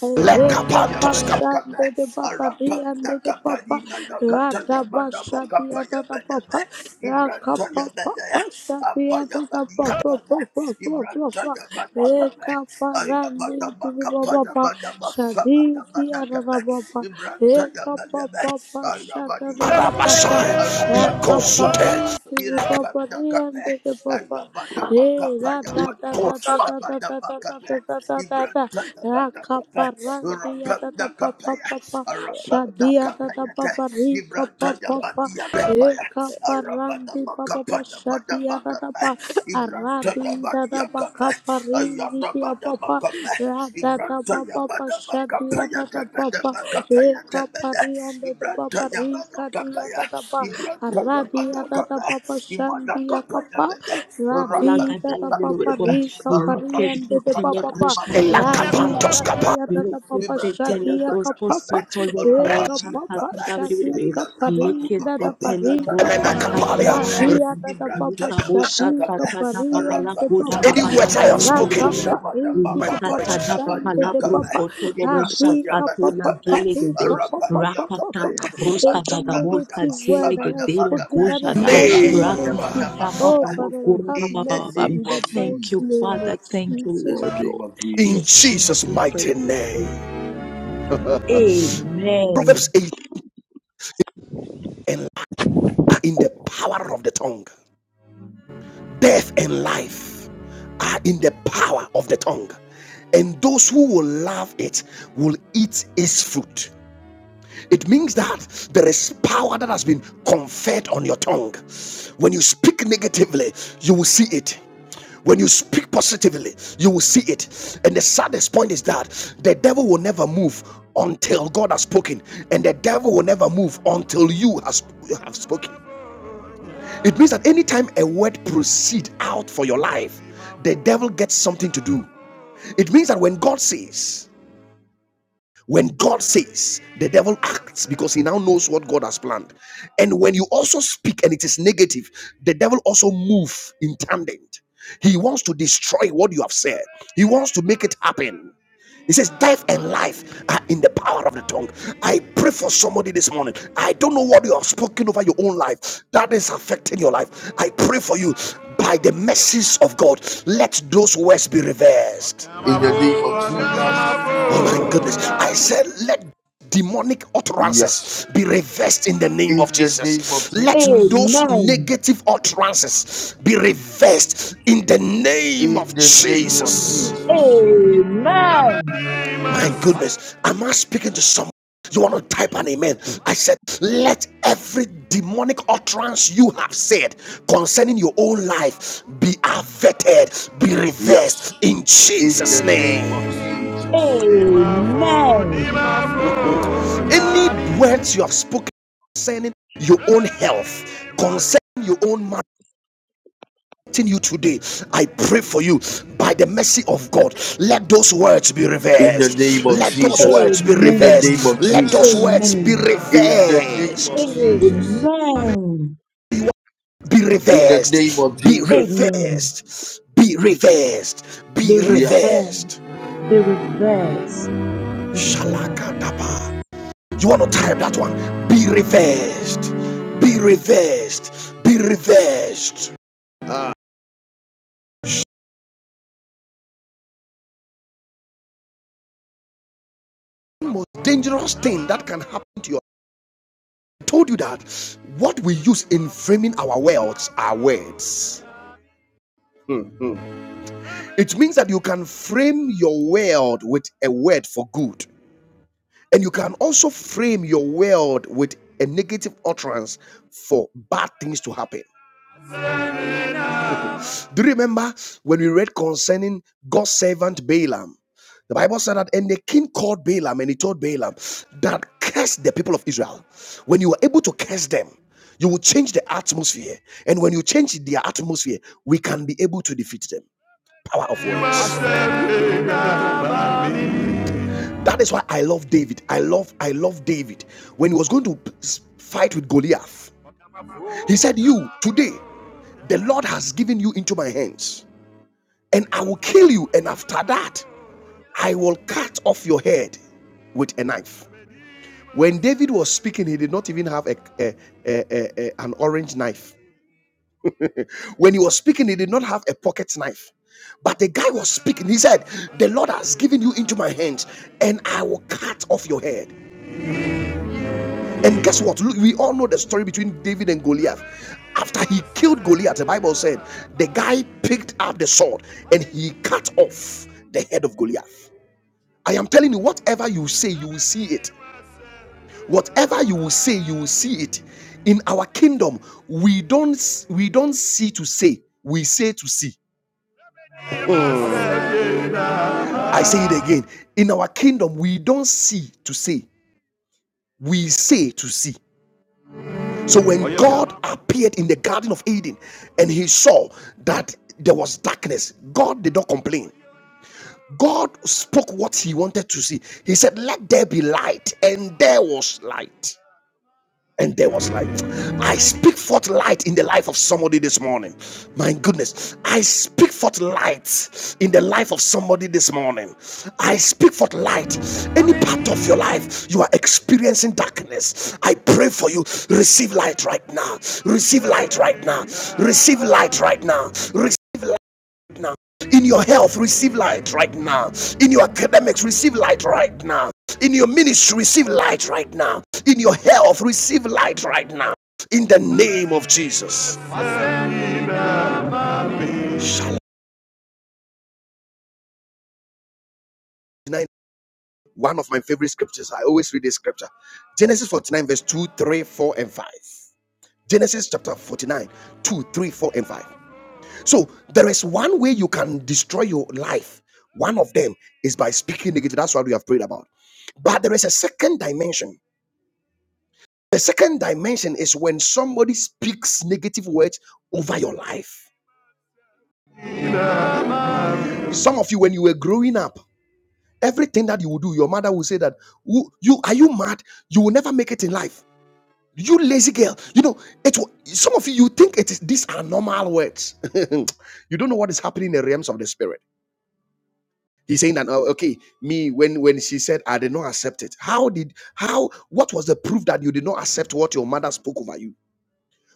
Speaker 2: Reka
Speaker 1: Lekapantos
Speaker 2: Bashande de Papa Riande de Papa Rada Bashadianda Papa Raka Papa Bashadianda Papa
Speaker 3: Abayabadiyabada,
Speaker 2: Papa Papa Papa
Speaker 3: Ibrantayabadabada,
Speaker 2: Reka Parandi de Papa Shadi
Speaker 3: Ayabadabakapayabadabasabadabadagada,
Speaker 2: Dianda Papa Reka
Speaker 3: Ibrantayabadaba,
Speaker 2: Papa Bashadianda
Speaker 3: Ayabadiyakada,
Speaker 2: Papa Raka
Speaker 3: Arapadiyakada,
Speaker 2: Parindi de Papa
Speaker 3: Irapadakada,
Speaker 2: Riande de Papa Eh, da da da da da da da da da da
Speaker 3: Ayabadabakapayabadabasabadabakada,
Speaker 2: da da da da da.
Speaker 3: Ibrantayabadakada,
Speaker 2: Rakaparandia da da pa pa
Speaker 3: Irapadakapaya,
Speaker 2: pa pa. Shadia da da pa
Speaker 3: Arapadakapayata,
Speaker 2: pa rika pa pa pa.
Speaker 3: Ibrantayabadiyakapaya,
Speaker 2: Eka parandi pa pa pa shadia da da pa. Aradi da da pa kaparindi dia pa pa. Ra da da pa pa pa shadia da da pa pa. Eka pariande de baba rika dia da da ba. Radia da da baba shandia kapa. Radi da
Speaker 5: Rakata
Speaker 2: da
Speaker 5: la
Speaker 2: baba rika pariande de baba ba. Radika dia da da baba shadia kapa. pa. Eka papa
Speaker 3: Ibrahim in
Speaker 2: shadika parinda da parika pa. Diana da Baba Shanika Parian de Baba
Speaker 1: Any words I have spoken,
Speaker 2: Araka Pariki de
Speaker 1: my
Speaker 2: Papa. Shande de Baba Adika Papa Parika Papa Papa Papa
Speaker 5: broska
Speaker 2: Any
Speaker 5: dagabos
Speaker 2: negative
Speaker 5: kazele
Speaker 2: word I have
Speaker 5: gedela
Speaker 2: spoken that is
Speaker 5: gojada
Speaker 2: working
Speaker 1: name,
Speaker 2: against me. Oh Father Lord, have
Speaker 3: the
Speaker 2: mercy
Speaker 3: name
Speaker 5: Ra-pa-pa-pa-pa-pa-la-ku-ra-pa-pa-pa-pam.
Speaker 2: in the
Speaker 3: of
Speaker 5: Thank
Speaker 2: mighty
Speaker 5: you,
Speaker 3: Jesus.
Speaker 2: name of
Speaker 5: Father. Thank you,
Speaker 2: Jesus.
Speaker 3: In the
Speaker 5: Lord,
Speaker 3: name
Speaker 5: Lord.
Speaker 3: of
Speaker 1: in
Speaker 5: In
Speaker 3: Jesus.
Speaker 1: Jesus'
Speaker 5: Jesus'
Speaker 1: mighty
Speaker 5: precious name,
Speaker 1: name.
Speaker 5: we thank
Speaker 1: Proverbs
Speaker 5: Amen.
Speaker 1: 8 and are in the power of the tongue. Death and life are in the power of the tongue. And those who will love it will eat its fruit. It means that there is power that has been conferred on your tongue. When you speak negatively, you will see it. When you speak positively, you will see it. And the saddest point is that the devil will never move until God has spoken, and the devil will never move until you has, have spoken. It means that anytime a word proceed out for your life, the devil gets something to do. It means that when God says, when God says, the devil acts because he now knows what God has planned. And when you also speak and it is negative, the devil also moves in tandem. He wants to destroy what you have said. He wants to make it happen. He says, Death and life are in the power of the tongue. I pray for somebody this morning. I don't know what you have spoken over your own life that is affecting your life. I pray for you by the mercies of God. Let those words be reversed
Speaker 3: In the name of Jesus.
Speaker 1: my goodness. I said, let demonic
Speaker 3: Yes.
Speaker 1: utterances be reversed in the name of
Speaker 3: In the name of
Speaker 1: Jesus. Let
Speaker 3: Jesus.
Speaker 1: those
Speaker 5: Amen.
Speaker 1: negative utterances be reversed in the name
Speaker 3: In
Speaker 1: of
Speaker 3: the name of
Speaker 1: Jesus.
Speaker 3: Jesus.
Speaker 5: Amen.
Speaker 1: My goodness, am I speaking to someone? You want to type an amen? I said, let every demonic utterance you have said concerning your own life be averted, be reversed
Speaker 3: Yes.
Speaker 1: in
Speaker 3: In
Speaker 1: Jesus'
Speaker 3: the name
Speaker 1: name.
Speaker 3: of Jesus.
Speaker 5: Amen.
Speaker 1: Any words you have spoken concerning your own health, concerning your own marriage you today i pray for you by the mercy of god let those words be
Speaker 3: In the name
Speaker 1: reversed
Speaker 3: of
Speaker 1: let those
Speaker 3: Jesus.
Speaker 1: words be
Speaker 3: In the name of
Speaker 1: reversed
Speaker 5: Amen.
Speaker 1: let those
Speaker 3: Jesus.
Speaker 1: words be
Speaker 3: In the name of
Speaker 1: reversed
Speaker 5: Amen.
Speaker 3: Jesus.
Speaker 5: Amen.
Speaker 1: be
Speaker 3: In the name
Speaker 1: reversed
Speaker 3: of
Speaker 1: be
Speaker 3: Jesus.
Speaker 1: reversed
Speaker 5: Amen.
Speaker 1: be reversed
Speaker 5: Be
Speaker 1: be
Speaker 3: Yes.
Speaker 5: reversed.
Speaker 1: reversed
Speaker 5: Be reversed. In the name of
Speaker 1: shalakadaba
Speaker 5: Jesus.
Speaker 1: You want to type
Speaker 5: Thank you.
Speaker 1: that one?
Speaker 5: Lord.
Speaker 1: Be reversed. Be reversed. Be reversed. The most dangerous thing that can happen to you. I told you that what we use in framing our worlds are words. It means that you can frame your world with a word for good, and you can also frame your world with a negative utterance for bad things to happen. Do you remember when we read concerning God's servant Balaam? The Bible said that, and the king called Balaam and he told Balaam that curse the people of Israel. When you are able to curse them, you will change the atmosphere. And when you change their atmosphere, we can be able to defeat them. Power of words. That is why I love David. I love, I love David. When he was going to fight with Goliath, he said, You today, the Lord has given you into my hands, and I will kill you. And after that, I will cut off your head with a knife. When David was speaking, he did not even have a, a- a- a- an orange knife. When he was speaking, he did not have a pocket knife. But the guy was speaking. He said, The Lord has given you into my hands, and I will cut off your head. And guess what? Look, we all know the story between David and Goliath. After he killed Goliath, the Bible said, the guy picked up the sword and he cut off the head of Goliath. I am telling you, whatever you say, you will see it. whatever you will say you will see it in our kingdom we don't we don't see to say we say to see i say it again in our kingdom we don't see to say we say to see so when god appeared in the garden of eden and he saw that there was darkness god did not complain god spoke what he wanted to see he said let there be light and there was light and there was light. I speak forth light in the life of somebody this morning. My goodness, I speak forth light in the life of somebody this morning. I speak forth light. Any part of your life you are experiencing darkness, I pray for you. Receive light right now. Receive light right now. Receive light right now. Receive light now. In your health, receive light right now. In your academics, receive light right now. In your ministry, receive light right now. In your health, receive light right now. In the name of Jesus. Shalom. One of my favorite scriptures. I always read this scripture. Genesis 49, verse 2, 3, 4, and 5. Genesis chapter 49, 2, 3, 4, and 5. So there is one way you can destroy your life. One of them is by speaking negative. That's what we have prayed about. But there is a second dimension The second dimension is when somebody speaks negative words over your life. Some of you, when you were growing up, everything that you would do, your mother would say that you are you mad? You will never make it in life. You lazy girl. You know, it some of you you think it is these are normal words. [LAUGHS] you don't know what is happening in the realms of the spirit. He's saying that "Oh, okay, me when when she said I did not accept it. How did how what was the proof that you did not accept what your mother spoke over you?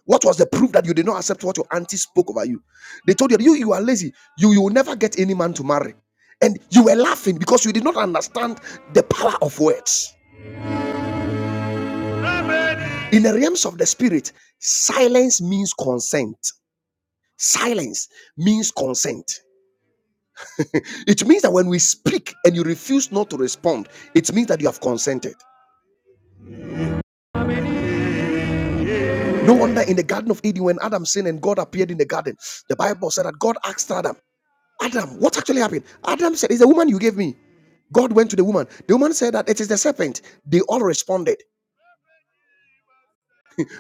Speaker 1: What was the proof that you did not accept what your auntie spoke over you? They told you, you, you are lazy. You, you will never get any man to marry. And you were laughing because you did not understand the power of words. In the realms of the spirit, silence means consent. Silence means consent. It means that when we speak and you refuse not to respond, it means that you have consented. No wonder in the Garden of Eden, when Adam sinned and God appeared in the garden, the Bible said that God asked Adam, Adam, what actually happened? Adam said, It's the woman you gave me. God went to the woman. The woman said that it is the serpent. They all responded.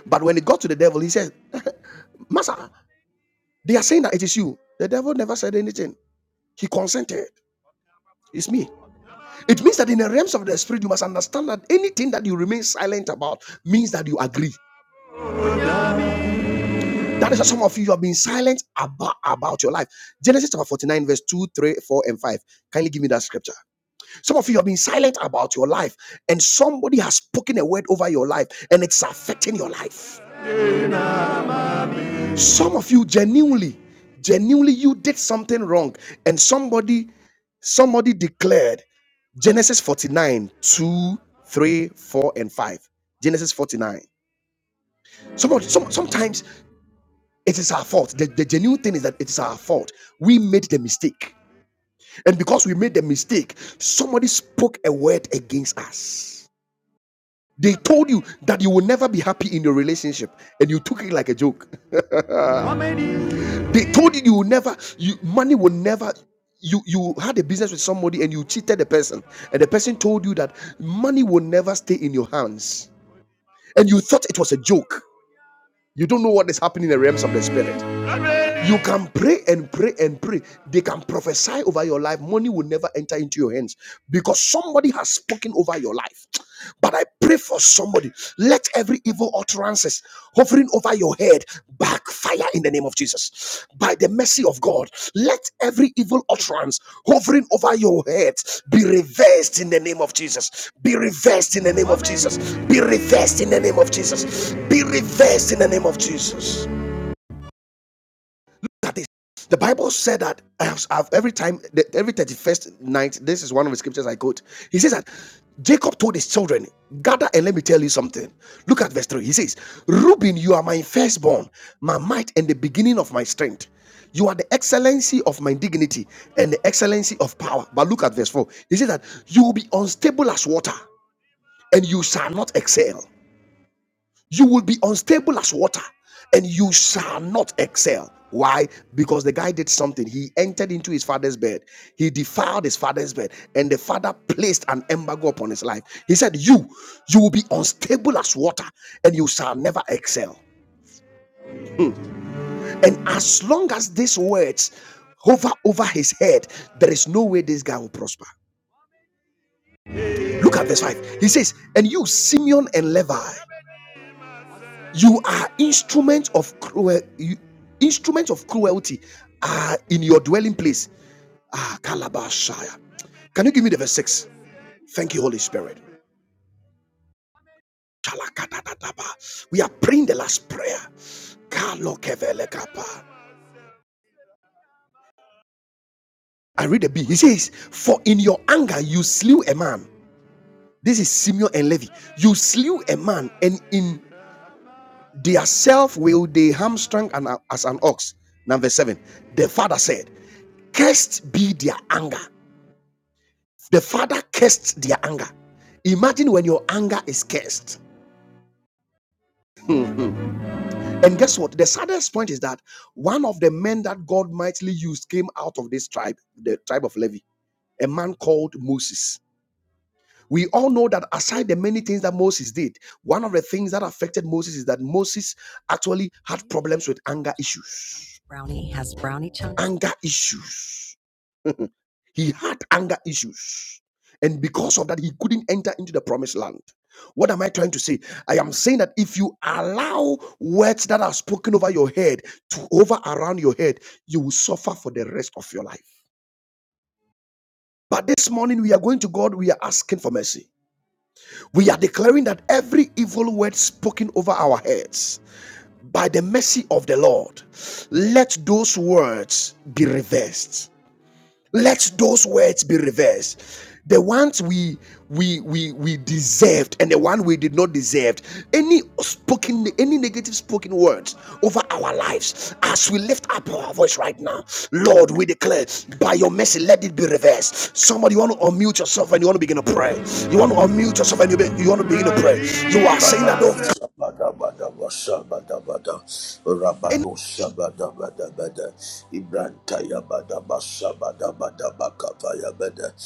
Speaker 1: But when it got to the devil, he said, [LAUGHS] Master, they are saying that it is you. The devil never said anything. He consented. It's me. It means that in the realms of the spirit, you must understand that anything that you remain silent about means that you agree. That is why some of you have been silent about, about your life. Genesis chapter 49, verse 2, 3, 4, and 5. Kindly give me that scripture. Some of you have been silent about your life, and somebody has spoken a word over your life, and it's affecting your life. Some of you genuinely, genuinely, you did something wrong, and somebody, somebody declared Genesis 49 2, 3, 4, and 5. Genesis 49. Some, some, sometimes it is our fault. The, the genuine thing is that it is our fault. We made the mistake. And because we made the mistake, somebody spoke a word against us They told you that you will never be happy in your relationship, and you took it like a joke. [LAUGHS] They told you you will never, you money will never. You you had a business with somebody and you cheated the person, and the person told you that money will never stay in your hands, and you thought it was a joke. You don't know what is happening in the realms of the spirit. You can pray and pray and pray. They can prophesy over your life. Money will never enter into your hands because somebody has spoken over your life. But I pray for somebody. Let every evil utterances hovering over your head backfire in the name of Jesus. By the mercy of God, let every evil utterance hovering over your head be reversed in the name of Jesus. Be reversed in the name of Jesus. Be reversed in the name of Jesus. Be reversed in the name of Jesus that is the bible said that I have- every time every 31st night this is one of the scriptures i quote he says that jacob told his children gather and let me tell you something look at verse 3 he says reuben you are my firstborn my might and the beginning of my strength you are the excellency of my dignity and the excellency of power but look at verse 4 he says that you will be unstable as water and you shall not excel you will be unstable as water and you shall not excel. Why? Because the guy did something. He entered into his father's bed. He defiled his father's bed, and the father placed an embargo upon his life. He said, You, you will be unstable as water, and you shall never excel. And as long as these words hover over his head, there is no way this guy will prosper. Look at verse 5. He says, And you, Simeon and Levi. you are instruments of cruel instruments of cruelty are in your dwelling place ah kalabashaya can you give me the verse 6 thank you holy spirit Shalakatadadaba. we are praying the last prayer Kalokevelekapa. i read the b he says for in your anger you slew a man this is simeon and levi you slew a man and in Their self will they hamstrung an- as an ox. Number seven. The father said, Cursed be their anger. The father cursed their anger. Imagine when your anger is cursed. [LAUGHS] Mm-hmm. and guess what? The saddest point is that one of the men that God mightily used came out of this tribe, the tribe of Levi, a man called Moses We all know that aside the many things that Moses did, one of the things that affected Moses is that Moses actually had problems with anger issues. Brownie has brownie chunks. Anger issues. He had anger issues. And because of that, he couldn't enter into the promised land. What am I trying to say? I am saying that if you allow words that are spoken over your head to over around your head, you will suffer for the rest of your life. But this morning, we are going to God, we are asking for mercy. We are declaring that every evil word spoken over our heads by the mercy of the Lord, let those words be reversed let those words be reversed the ones we we we we deserved and the one we did not deserve any spoken any negative spoken words over our lives as we lift up our voice right now lord we declare by your mercy let it be reversed somebody you want to unmute yourself and you want to begin to pray you want to unmute yourself and you, be, you want to begin to pray you are
Speaker 3: Rabba
Speaker 1: saying
Speaker 3: da
Speaker 1: that oh
Speaker 3: kafaya bada basabada ba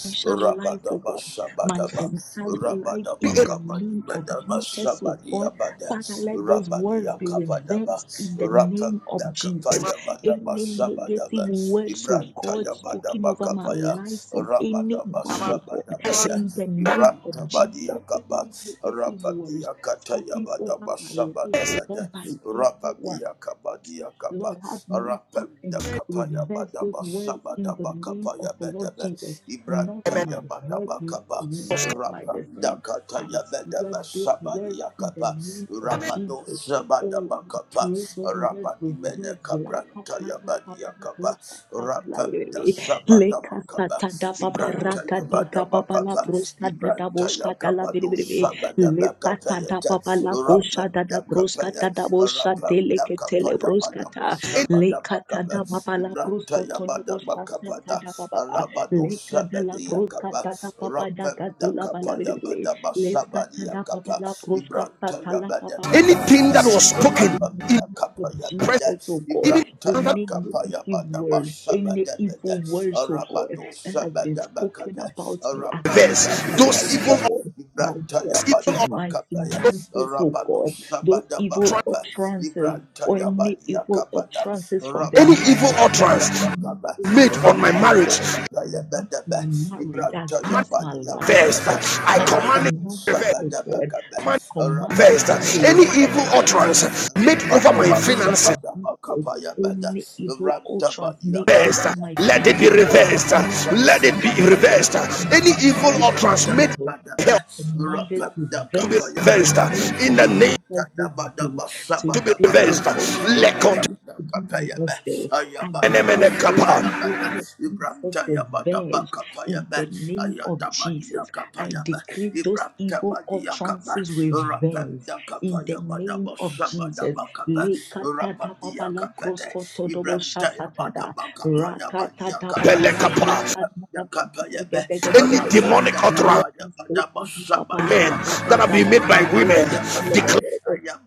Speaker 5: I shall life, oh God, my entire life
Speaker 1: any
Speaker 5: in the name of Jesus, oh God. Father, let those words be reversed in the name of Jesus. Any negative words, oh
Speaker 3: Ibranta
Speaker 5: God,
Speaker 3: ya bada
Speaker 5: spoken over my
Speaker 3: bakafaya
Speaker 5: life from
Speaker 3: rabada
Speaker 5: anyone, oh God,
Speaker 3: basabada bada
Speaker 5: in the name of
Speaker 3: Ibranta
Speaker 5: Jesus,
Speaker 3: Badia Kaba
Speaker 5: any negative words
Speaker 3: Rapadia Kataya
Speaker 5: spoken over
Speaker 3: Badaba
Speaker 5: my life,
Speaker 3: Sabada
Speaker 5: oh
Speaker 3: Bada
Speaker 5: God, by anyone.
Speaker 3: Rabadia Kabadia Kaba
Speaker 5: Lord, have mercy and
Speaker 3: Rapenda Kapaya
Speaker 5: reverse those
Speaker 3: Badaba
Speaker 5: words in
Speaker 3: Sabada
Speaker 5: the name of
Speaker 3: Bakapaya
Speaker 5: the Lord
Speaker 3: Bedebe
Speaker 5: Jesus. Not my
Speaker 3: Ibrantaya
Speaker 5: head,
Speaker 3: Badaba
Speaker 5: not
Speaker 3: Kaba
Speaker 5: me, not my
Speaker 3: Rapanda
Speaker 5: destiny. I
Speaker 3: Kataya
Speaker 5: swear
Speaker 3: Bedebe
Speaker 5: those words
Speaker 3: Sabadia
Speaker 5: in the
Speaker 3: Kaba
Speaker 5: name of
Speaker 3: Rabado
Speaker 5: Jesus.
Speaker 3: Sabada
Speaker 5: Oh, I
Speaker 3: Bakapa
Speaker 5: pray those words
Speaker 3: Rabadi Mene
Speaker 5: reverse.
Speaker 3: Kabrantaya Badia Kaba Rapanda
Speaker 5: Lakatarapapapapapapapalare.
Speaker 3: Sabada Bakaba Ibrantaya Badaba Ibranta Yakabado
Speaker 5: Lekasatadapaparagadagababalabroskadadaboskadalabiribi
Speaker 3: Sabadaba
Speaker 5: lekata da
Speaker 3: Kapayata
Speaker 5: baba la kosha
Speaker 3: Rapam
Speaker 5: da da broska
Speaker 3: Dakapaya
Speaker 5: da da bosha
Speaker 3: Rapam
Speaker 5: delekete le
Speaker 3: Dakapaya
Speaker 5: broska
Speaker 3: Madama
Speaker 5: ta
Speaker 3: Sabadaba
Speaker 5: lekata
Speaker 3: Kaba
Speaker 5: da baba la
Speaker 3: Ibranta
Speaker 5: brosko tolo
Speaker 3: Yabadaba
Speaker 5: bosha sata
Speaker 3: Kapada
Speaker 5: da baba ba
Speaker 3: Alabado
Speaker 5: lekata la
Speaker 3: Sabadi
Speaker 5: broska
Speaker 3: Yakaba
Speaker 5: da da baba da
Speaker 3: Rapam
Speaker 5: gazula bala
Speaker 3: Dakapaya
Speaker 5: bidibidwe
Speaker 3: Madama Sabadi
Speaker 5: lekata da baba
Speaker 3: Yakaba
Speaker 5: la broska
Speaker 3: Ibranta
Speaker 5: sata la baba
Speaker 3: Yabadaba
Speaker 5: baba
Speaker 1: anything
Speaker 3: Kapaya
Speaker 5: baba
Speaker 1: that was
Speaker 5: Father,
Speaker 1: spoken
Speaker 5: in
Speaker 3: Rapam
Speaker 5: the
Speaker 1: in
Speaker 5: name of
Speaker 3: Dakapaya
Speaker 1: presence
Speaker 3: Bada
Speaker 5: Jesus, oh God,
Speaker 1: even
Speaker 3: Ibranta
Speaker 5: we
Speaker 1: that
Speaker 5: need
Speaker 3: Yakapaya
Speaker 5: negative
Speaker 3: Madama
Speaker 5: words, any
Speaker 3: Sabadabada
Speaker 5: evil words, oh God,
Speaker 3: Rabado
Speaker 5: that has been spoken about me against
Speaker 1: reverse
Speaker 5: my life,
Speaker 1: those evil
Speaker 5: oh
Speaker 3: Rapandakapayada,
Speaker 5: God my
Speaker 1: evil.
Speaker 5: destiny, my
Speaker 3: Ibrantayabadabakapaya,
Speaker 5: finances, oh God, those evil
Speaker 3: Rabadosabadabakapa,
Speaker 5: utterances or any evil
Speaker 3: Ibrantayabadiakabada,
Speaker 5: utterances from the
Speaker 1: any
Speaker 5: mouth
Speaker 1: evil
Speaker 5: of any,
Speaker 1: utterance
Speaker 3: Rabadosabadabakapa,
Speaker 5: any
Speaker 1: made on
Speaker 5: woman,
Speaker 1: my
Speaker 5: oh
Speaker 1: marriage
Speaker 5: God.
Speaker 3: Rapandakapayabadaba,
Speaker 5: I'm married against my life.
Speaker 3: Ibrantayabadiakabada,
Speaker 1: manifest. I
Speaker 5: I
Speaker 1: command it
Speaker 5: command you,
Speaker 1: reversed.
Speaker 5: oh God,
Speaker 1: Reversed.
Speaker 3: Rabadosabadabakapa,
Speaker 5: I command it to be
Speaker 1: Any evil
Speaker 5: revived this
Speaker 3: Rabadiakatayabadaba,
Speaker 1: utterance
Speaker 5: morning
Speaker 1: made
Speaker 5: in
Speaker 1: over
Speaker 5: the
Speaker 1: my
Speaker 5: name
Speaker 1: finances
Speaker 5: of Jesus.
Speaker 3: Rabadabasabadabakapayabada,
Speaker 5: Any evil utterance, make over
Speaker 1: reversed.
Speaker 3: Rantabadiakabada,
Speaker 5: my
Speaker 1: Let it be
Speaker 5: finances,
Speaker 1: reversed.
Speaker 3: Ayabadaba,
Speaker 5: make over
Speaker 1: Let it
Speaker 5: my
Speaker 1: be
Speaker 3: Sabadaba,
Speaker 5: life
Speaker 1: reversed.
Speaker 5: in
Speaker 1: Any
Speaker 3: Kapayabadaba,
Speaker 5: the
Speaker 1: evil
Speaker 5: name of
Speaker 1: utterance made over
Speaker 5: Jesus.
Speaker 1: my
Speaker 3: Ibratayabadaba,
Speaker 1: health
Speaker 5: I command it to
Speaker 3: Rapanda
Speaker 1: to be
Speaker 5: vest in the
Speaker 1: reversed.
Speaker 3: Kapayabadaba,
Speaker 5: name
Speaker 1: In
Speaker 5: of
Speaker 1: the name
Speaker 5: Jesus this day.
Speaker 3: Ibratayabadaba,
Speaker 1: to be
Speaker 5: Today,
Speaker 3: Sabadaba
Speaker 5: oh
Speaker 1: reversed.
Speaker 3: Kapa,
Speaker 5: God, we have to
Speaker 1: Lekot
Speaker 3: Rapanda
Speaker 5: to be your
Speaker 3: Kapayaba,
Speaker 5: vessel. I
Speaker 3: Ayabadaba,
Speaker 5: decree those
Speaker 1: enemenekapa,
Speaker 3: Sabadaba,
Speaker 5: evil utterances to
Speaker 3: Ibratayabadaba
Speaker 5: vest in
Speaker 3: Kapayaba,
Speaker 5: the name of
Speaker 3: Ayadabadia
Speaker 5: Jesus I
Speaker 3: Kapayaba,
Speaker 5: decree those evil
Speaker 3: Ibratabadia Kapa,
Speaker 5: outrages revenged
Speaker 3: Rapanda
Speaker 5: in the
Speaker 3: Kapayabadaba,
Speaker 5: name of Jesus.
Speaker 3: Sabadaba Kapa, Rabadia Kapa, Ibrahim Daya Bada Baka Paya Badia Kapa
Speaker 1: belekapa.
Speaker 3: Rapa Yakapa Yabe
Speaker 1: Any
Speaker 3: Rapa
Speaker 1: demonic
Speaker 3: Yakapa
Speaker 1: utterance,
Speaker 3: Yabada Basa Bada
Speaker 1: men that
Speaker 3: Bakapa
Speaker 1: have been made by
Speaker 3: Rapa
Speaker 1: women,
Speaker 3: Yakapa
Speaker 1: declare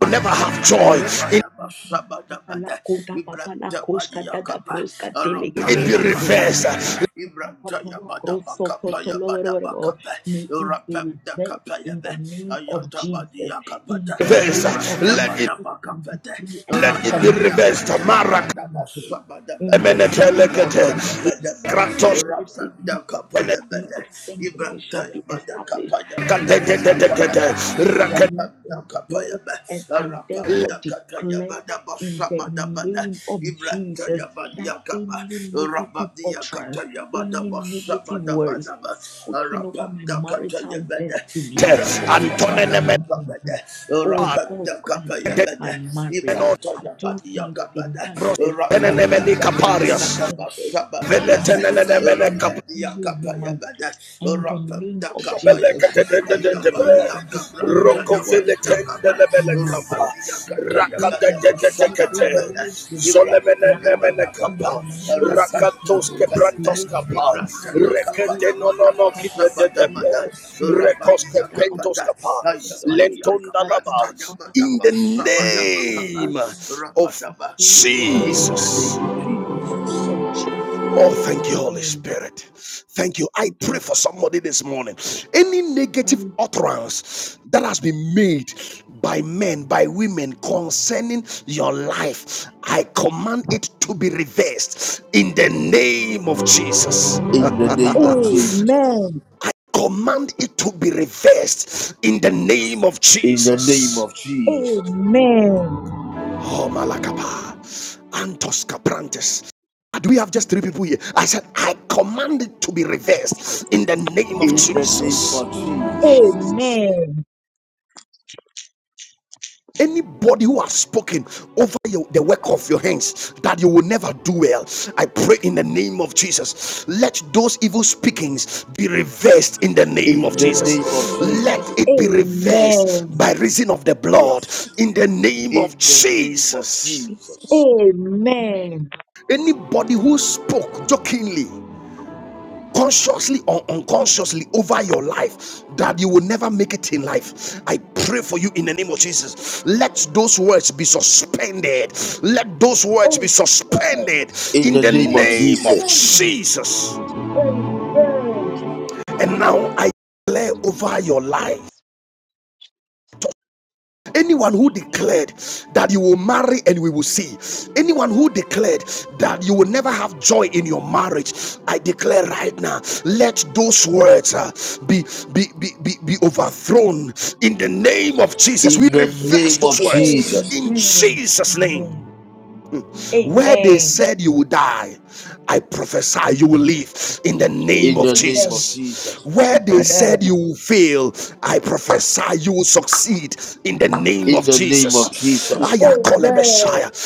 Speaker 1: will never have
Speaker 3: Yakapa
Speaker 1: joy in.
Speaker 5: Lepa
Speaker 3: Yabada Basa Bada
Speaker 5: papa la
Speaker 3: Bada
Speaker 5: kota
Speaker 3: Ibrahim
Speaker 5: papa la koska
Speaker 3: Dabadi
Speaker 5: dada
Speaker 3: Yakapa
Speaker 5: proska
Speaker 3: Rapa
Speaker 1: it
Speaker 5: delegate
Speaker 1: be
Speaker 3: Yakapa
Speaker 1: reversed.
Speaker 5: raka
Speaker 3: Yabe Ibrahim
Speaker 5: papa
Speaker 3: Daya
Speaker 5: la
Speaker 3: Bada
Speaker 5: proso
Speaker 3: Baka Paya
Speaker 5: potolo
Speaker 3: Bada
Speaker 5: whatever.
Speaker 3: Bakapa
Speaker 5: May it be
Speaker 3: Rapa
Speaker 5: reversed
Speaker 3: Yakapa
Speaker 5: in the
Speaker 3: Yabe
Speaker 5: name of
Speaker 3: Ayatabadi
Speaker 5: Jesus.
Speaker 3: Yakapa
Speaker 5: In the name
Speaker 3: Ibrahim
Speaker 1: Reversed.
Speaker 5: of
Speaker 1: Let
Speaker 5: Jesus,
Speaker 1: it
Speaker 3: Dabada Bakapa Rapem da Kapayaba Ayata Badi Yakapata Ibranta Bada
Speaker 5: I
Speaker 3: Bakapete
Speaker 5: decree and
Speaker 3: Ibrahim
Speaker 5: I
Speaker 1: let it be
Speaker 3: Rababdia
Speaker 5: command those
Speaker 1: reversed.
Speaker 5: things to
Speaker 1: Marak
Speaker 3: Katayabada
Speaker 5: be reversed. in the name of
Speaker 1: menatelekete.
Speaker 5: Jesus.
Speaker 1: Kratos
Speaker 5: Whoever receives this decree, the thing that shall be established. I hereby
Speaker 1: menekatetetetete.
Speaker 5: in the name of the Lord and I
Speaker 1: Rakelete.
Speaker 5: therefore declare in the name of Jesus that any negative utterance,
Speaker 3: Basabada
Speaker 5: any negative words
Speaker 3: Badaba
Speaker 5: spoken over my marital
Speaker 3: Arapandakatayabada,
Speaker 5: destiny, over my
Speaker 1: Antonene
Speaker 3: Ibrantayabadabada,
Speaker 5: mind, oh
Speaker 1: menano.
Speaker 5: God, against
Speaker 3: Arapandakapayabada,
Speaker 5: my marriage, against my
Speaker 3: Ibrantayabadiyagabada,
Speaker 5: finances,
Speaker 1: Brosenene
Speaker 5: against my
Speaker 1: menikaparias.
Speaker 5: relationships, by
Speaker 3: Arapandakatayabadabashabadabada,
Speaker 1: Veletene
Speaker 5: any
Speaker 1: menatelekete.
Speaker 5: woman
Speaker 3: Arapandiyakapayabada,
Speaker 5: in the name of Jesus,
Speaker 3: Arapandakapayaba,
Speaker 5: I decree and declare those words will
Speaker 3: Ayabadiyakabrantayabadiyakaba,
Speaker 5: now. I decree and declare those
Speaker 3: Arapandiyakatayabadabashabadabada,
Speaker 5: words will now. In
Speaker 3: Ibrantayabadakapa,
Speaker 5: the name of Jesus. In the
Speaker 3: Arapandakapayaba, Ibrantaya
Speaker 5: name
Speaker 3: kapaya
Speaker 1: no no
Speaker 3: manda
Speaker 1: no
Speaker 3: basa manda manda rabadia kapata ayabadia kabrantaya manda
Speaker 1: In the
Speaker 3: basa manda makaba
Speaker 1: name of
Speaker 3: rabadaba. In the
Speaker 1: Jesus.
Speaker 3: name of Jesus.
Speaker 5: of Jesus.
Speaker 1: Oh, thank you, Holy
Speaker 5: Amen.
Speaker 1: Spirit. Thank you. I
Speaker 5: Thank
Speaker 1: pray for somebody this morning. Any negative
Speaker 5: you.
Speaker 1: utterance that has been made by men, by women concerning your life, I command it to be reversed in the name of Jesus. I
Speaker 3: In the name of Jesus.
Speaker 5: Amen.
Speaker 1: Command it to be reversed in the name of
Speaker 3: In the name
Speaker 1: Jesus.
Speaker 3: of Jesus.
Speaker 5: Amen.
Speaker 1: Oh, Malakapa. Antos Caprantes. Do we have just three people here? I said, I command it to be reversed in the name of
Speaker 3: In the name
Speaker 1: Jesus.
Speaker 3: of Jesus.
Speaker 6: Jesus,
Speaker 5: Amen. Amen.
Speaker 1: Anybody who has spoken over your, the work of your hands that you will never do well, I pray in the name of Jesus. Let those evil speakings be reversed in the name of
Speaker 3: In the
Speaker 1: Jesus.
Speaker 3: name
Speaker 6: I'm
Speaker 3: of
Speaker 6: mad.
Speaker 1: Let
Speaker 3: Jesus.
Speaker 1: it be reversed
Speaker 5: Amen.
Speaker 1: by reason of the blood
Speaker 3: Yes.
Speaker 1: in the name of
Speaker 3: In the name of
Speaker 1: Jesus.
Speaker 3: Jesus.
Speaker 6: Jesus, Amen.
Speaker 5: Amen.
Speaker 1: Anybody who spoke jokingly consciously or unconsciously over your life that you will never make it in life. I pray for you in the name of Jesus. Let those words be
Speaker 6: Jesus,
Speaker 1: suspended. Let those words be
Speaker 5: Amen.
Speaker 1: suspended
Speaker 3: In
Speaker 1: in
Speaker 3: the
Speaker 1: the
Speaker 3: name of
Speaker 1: name of
Speaker 3: Jesus.
Speaker 5: Amen.
Speaker 1: Jesus.
Speaker 5: Amen. Amen. Amen.
Speaker 1: And now I declare over your life. Anyone who declared that you will marry and we will see, anyone who declared that you will never have joy in your marriage, I declare right now, let those words uh, be, be, be, be, be overthrown in the name of Jesus. We
Speaker 3: In the
Speaker 1: reverse
Speaker 3: name of
Speaker 1: those
Speaker 5: Amen.
Speaker 1: words
Speaker 3: Jesus.
Speaker 1: in
Speaker 5: Amen.
Speaker 1: Jesus' name.
Speaker 5: Amen.
Speaker 1: Where they said you will die, I prophesy you will live in the name
Speaker 3: In
Speaker 1: of
Speaker 3: the name of
Speaker 1: Jesus.
Speaker 3: Jesus.
Speaker 1: Where
Speaker 5: Amen.
Speaker 1: they said
Speaker 5: Amen.
Speaker 1: you will fail, I prophesy you will succeed in the name
Speaker 3: In
Speaker 1: of
Speaker 3: the name of
Speaker 1: Jesus.
Speaker 3: Jesus.
Speaker 6: I
Speaker 1: Aya
Speaker 6: am mad.
Speaker 1: kole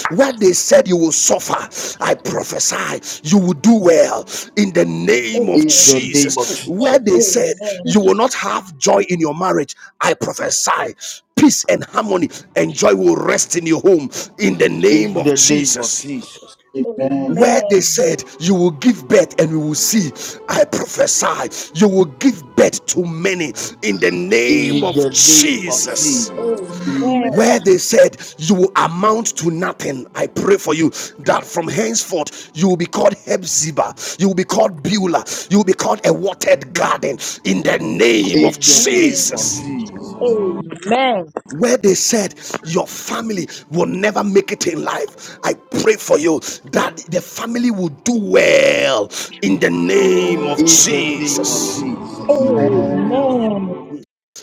Speaker 1: Where they said you will suffer, I prophesy you will do well in the name
Speaker 5: Amen.
Speaker 1: of
Speaker 3: In the name of
Speaker 1: Jesus. Where
Speaker 3: Jesus.
Speaker 1: they said you
Speaker 7: Amen.
Speaker 1: will not have joy in your marriage, I
Speaker 6: I'm
Speaker 1: prophesy peace and harmony and joy will rest in your home in the name
Speaker 3: In
Speaker 1: of
Speaker 3: the name of
Speaker 1: Jesus.
Speaker 3: Jesus.
Speaker 1: Where they said you will give birth and we will see, I prophesy you will give birth to many in the name
Speaker 3: In the
Speaker 1: of
Speaker 3: name of
Speaker 1: Jesus.
Speaker 6: Amen.
Speaker 3: Jesus.
Speaker 7: Amen.
Speaker 1: Where they said you will amount to nothing, I pray for you that from henceforth you will be called Hebzibah, you will be called Beulah, you will be called a watered garden in the name
Speaker 3: In
Speaker 1: of
Speaker 3: the name of
Speaker 1: Jesus.
Speaker 6: Let's go.
Speaker 3: Jesus.
Speaker 5: Amen.
Speaker 1: where they said your family will never make it in life. I pray for you that the family will do well in the name of
Speaker 3: In the name of
Speaker 1: Jesus.
Speaker 3: Jesus.
Speaker 7: Amen.
Speaker 5: Amen. Amen.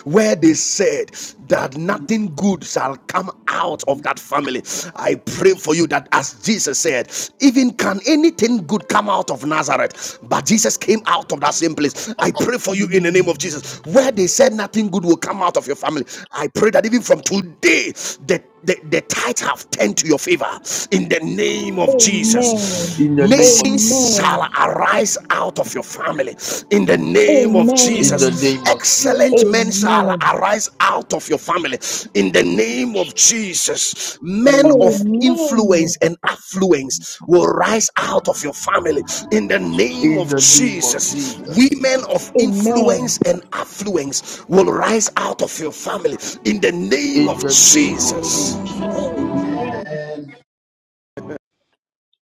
Speaker 1: Where they said that nothing good shall come out of that family, I pray for you that as Jesus said, even can anything good come out of Nazareth, but Jesus came out of that same place. I pray for you in the name of
Speaker 5: Amen.
Speaker 1: Jesus. Where they said nothing good will come out of your family, I pray that even from today, the the, the tides have turned to your favor in the name of Jesus.
Speaker 5: Amen.
Speaker 3: In the name of
Speaker 1: Nations
Speaker 3: Jesus.
Speaker 1: shall
Speaker 5: Amen.
Speaker 1: arise out of your family in the name of
Speaker 3: In the name
Speaker 5: Amen.
Speaker 6: Jesus,
Speaker 1: Jesus.
Speaker 3: of
Speaker 1: Excellent
Speaker 3: Jesus.
Speaker 1: men shall
Speaker 5: Amen.
Speaker 1: arise out of your family in
Speaker 6: I
Speaker 1: the
Speaker 6: think of
Speaker 1: name of Jesus.
Speaker 6: Jesus.
Speaker 1: Jesus, men
Speaker 7: Amen.
Speaker 1: of
Speaker 5: Amen.
Speaker 1: influence and affluence will rise out of your family in the name
Speaker 3: In
Speaker 1: of
Speaker 3: the name of
Speaker 1: Jesus.
Speaker 3: Jesus.
Speaker 1: Women of
Speaker 5: Amen.
Speaker 1: influence and affluence will rise out of your family in the name
Speaker 3: In
Speaker 1: of
Speaker 3: the name of
Speaker 1: Jesus.
Speaker 5: Amen.
Speaker 3: Jesus.
Speaker 5: Amen.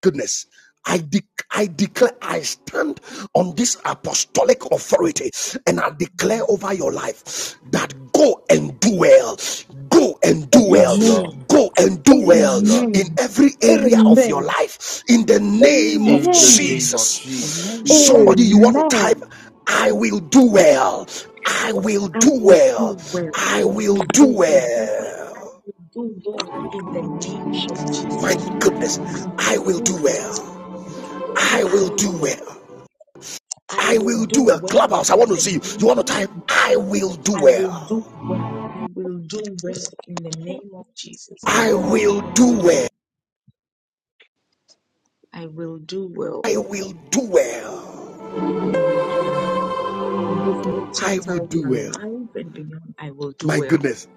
Speaker 1: goodness. I, de- I declare, I stand on this apostolic authority and I declare over your life that go and do well. Go and do well.
Speaker 3: Yes,
Speaker 5: Amen.
Speaker 3: Lord.
Speaker 1: Go and do
Speaker 3: Yes,
Speaker 1: well
Speaker 6: Amen.
Speaker 3: Lord.
Speaker 5: Amen.
Speaker 1: in every area of
Speaker 5: Amen.
Speaker 1: your life. In the name of
Speaker 3: In the name of Jesus.
Speaker 1: Jesus.
Speaker 6: Amen.
Speaker 1: Somebody, you want to type,
Speaker 5: Amen.
Speaker 1: I will do well. I will
Speaker 5: I
Speaker 1: do
Speaker 5: will
Speaker 1: well.
Speaker 5: do well. I
Speaker 1: I will
Speaker 5: will
Speaker 1: do
Speaker 5: do
Speaker 6: Glory
Speaker 5: well.
Speaker 6: to God.
Speaker 5: I
Speaker 1: well.
Speaker 5: will do well in the name of
Speaker 6: Jesus.
Speaker 1: My
Speaker 5: Jesus.
Speaker 1: goodness,
Speaker 5: I
Speaker 1: I will
Speaker 5: will
Speaker 1: do
Speaker 5: do well.
Speaker 1: well. I
Speaker 5: I
Speaker 1: will
Speaker 5: will do
Speaker 1: do
Speaker 5: well.
Speaker 1: well.
Speaker 5: I
Speaker 1: I
Speaker 5: will
Speaker 1: will
Speaker 5: do
Speaker 1: do well.
Speaker 5: well
Speaker 1: Clubhouse, I want
Speaker 5: in
Speaker 1: to
Speaker 5: the
Speaker 1: see you. You
Speaker 5: name.
Speaker 1: want to type, I will do
Speaker 5: I will
Speaker 1: well.
Speaker 5: do well. I will do well in the name of Jesus.
Speaker 1: I will
Speaker 5: Oh,
Speaker 1: do well.
Speaker 5: I will do well.
Speaker 1: I will do well.
Speaker 5: I will do well. In this new
Speaker 1: I will
Speaker 5: chapter of
Speaker 1: do
Speaker 5: my
Speaker 1: well.
Speaker 5: life and beyond, I will do
Speaker 1: My
Speaker 5: well.
Speaker 1: goodness.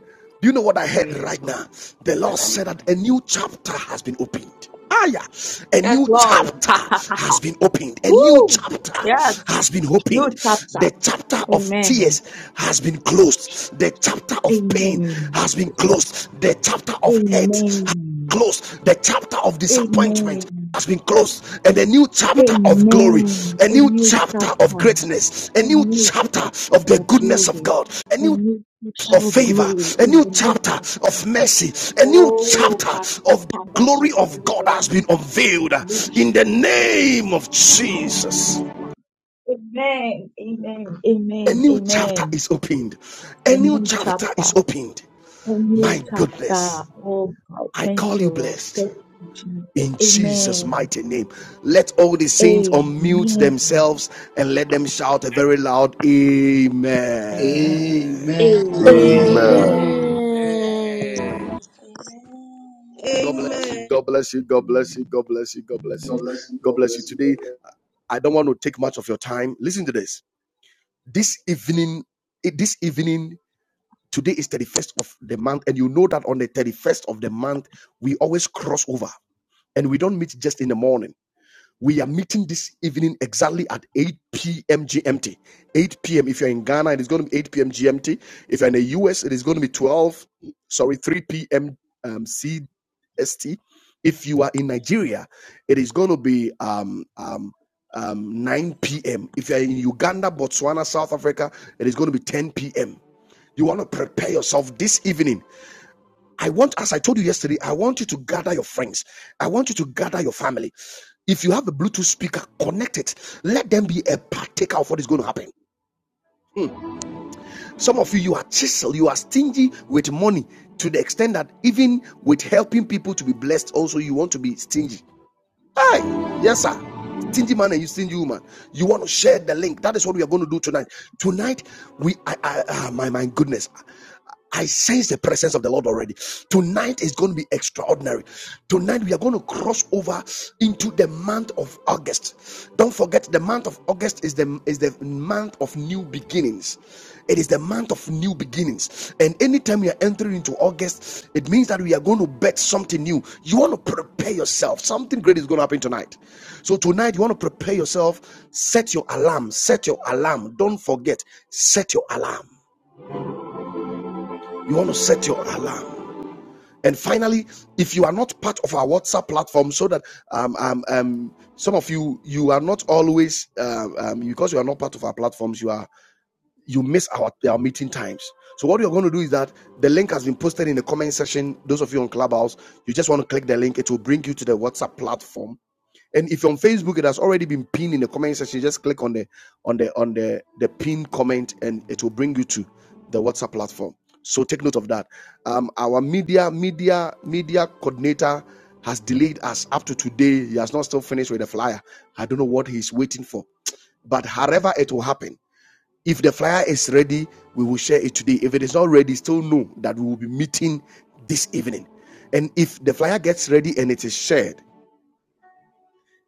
Speaker 1: Do you know what I
Speaker 5: Oh,
Speaker 1: heard
Speaker 5: yes,
Speaker 1: right
Speaker 5: Lord.
Speaker 1: now? The Lord said that a new chapter has been opened. Ah, yeah. A
Speaker 5: Yes,
Speaker 1: new
Speaker 5: Lord.
Speaker 1: chapter
Speaker 5: [LAUGHS]
Speaker 1: has been opened. A new
Speaker 5: Woo!
Speaker 1: chapter
Speaker 5: Yes.
Speaker 1: has been opened.
Speaker 5: New chapter.
Speaker 1: The chapter of
Speaker 5: Amen.
Speaker 1: tears has been closed. The chapter of pain
Speaker 5: Amen.
Speaker 1: has been closed. The chapter of hate has
Speaker 5: Amen.
Speaker 1: been closed. The chapter of disappointment
Speaker 5: Amen.
Speaker 1: has been closed and a new chapter of glory
Speaker 5: Amen.
Speaker 1: a
Speaker 5: A
Speaker 1: new
Speaker 5: new
Speaker 1: chapter of
Speaker 5: chapter.
Speaker 1: greatness a
Speaker 5: a
Speaker 1: new
Speaker 5: new
Speaker 1: chapter
Speaker 5: chapter
Speaker 1: of the
Speaker 5: of
Speaker 1: goodness of
Speaker 5: glory,
Speaker 1: god a
Speaker 5: a
Speaker 1: new
Speaker 5: new
Speaker 1: of
Speaker 5: chapter of
Speaker 1: favor,
Speaker 5: glory
Speaker 1: a
Speaker 5: in
Speaker 1: new
Speaker 5: the midst
Speaker 1: chapter
Speaker 5: of
Speaker 1: of
Speaker 5: Jesus.
Speaker 1: mercy, a new
Speaker 5: Oh,
Speaker 1: chapter
Speaker 5: Father, Father,
Speaker 1: of the
Speaker 5: Father,
Speaker 1: glory of
Speaker 5: Father,
Speaker 1: God
Speaker 5: Father.
Speaker 1: has been unveiled in the name of Jesus.
Speaker 5: Amen, amen,
Speaker 1: A
Speaker 5: amen,
Speaker 1: new chapter
Speaker 5: amen.
Speaker 1: is opened. A
Speaker 5: A
Speaker 1: new
Speaker 5: new
Speaker 1: chapter is
Speaker 5: chapter,
Speaker 1: opened.
Speaker 5: a new
Speaker 1: My
Speaker 5: chapter.
Speaker 1: goodness,
Speaker 5: Oh, God,
Speaker 1: I
Speaker 5: thank
Speaker 1: call
Speaker 5: you,
Speaker 1: you
Speaker 5: Lord.
Speaker 1: blessed.
Speaker 5: Thank you, Jesus.
Speaker 1: In Jesus'
Speaker 5: Amen,
Speaker 1: mighty name, let all the saints unmute
Speaker 5: amen,
Speaker 1: themselves and let them shout a very loud
Speaker 6: Amen.
Speaker 7: Amen.
Speaker 1: Amen.
Speaker 6: Amen.
Speaker 7: Amen.
Speaker 3: Amen.
Speaker 5: amen,
Speaker 6: Amen.
Speaker 2: Amen.
Speaker 8: Amen.
Speaker 9: Amen.
Speaker 1: God bless you.
Speaker 10: Amen.
Speaker 1: God bless you. God bless you. God bless you. God bless
Speaker 11: God
Speaker 1: you.
Speaker 11: bless you.
Speaker 1: God
Speaker 11: God bless you.
Speaker 1: bless
Speaker 11: the
Speaker 1: you.
Speaker 11: Society of
Speaker 1: Today I don't want to take much of your time. Listen to this. This evening, eh, this evening, today is 31st of the month, and you know that on the 31st of the month, we always cross over and we don't meet just in the morning. We are meeting this evening exactly at 8 p.m. GMT. 8 p.m. If you're in Ghana, it is going to be 8 p.m. GMT. If you're in the US, it is going to be 12, sorry, 3 p.m. Um, CST. If you are in Nigeria, it is going to be um, um, um, 9 p.m. If you're in Uganda, Botswana, South Africa, it is going to be 10 p.m. You want to prepare yourself this evening I want, as I told you yesterday, I want you to gather your friends. I want you to gather your family. If you have a Bluetooth speaker, connect it. Let them be a partaker of what is going to happen. Some of you, you are chisel, you are stingy with money to the extent that even with helping people to be blessed, also you want to be stingy. Hi, yes, sir. Stingy man and you stingy woman. You want to share the link. That is what we are going to do tonight. Tonight, we I, I ah, my my goodness. I sense the presence of the Lord already. Tonight is going to be extraordinary. Tonight we are going to cross over into the month of August. Don't forget the month of August is the is the month of new beginnings. It is the month of new beginnings, and anytime you are entering into August, it means that we are going to bet something new. You want to prepare yourself. Something great is going to happen tonight. So tonight, you want to prepare yourself. Set your alarm. Set your alarm. Don't forget. Set your alarm. You want to set your alarm. And finally, if you are not part of our WhatsApp platform, so that um, um, um, some of you you are not always um, um, because you are not part of our platforms, you are you miss our, our meeting times. So what you're going to do is that the link has been posted in the comment section. Those of you on Clubhouse, you just want to click the link. It will bring you to the WhatsApp platform. And if you're on Facebook, it has already been pinned in the comment section. Just click on the on the on the the pin comment, and it will bring you to the WhatsApp platform. So take note of that. Um, our media media media coordinator has delayed us up to today. He has not still finished with the flyer. I don't know what he's waiting for, but however it will happen if the flyer is ready, we will share it today. If it is not ready, still know that we will be meeting this evening. And if the flyer gets ready and it is shared,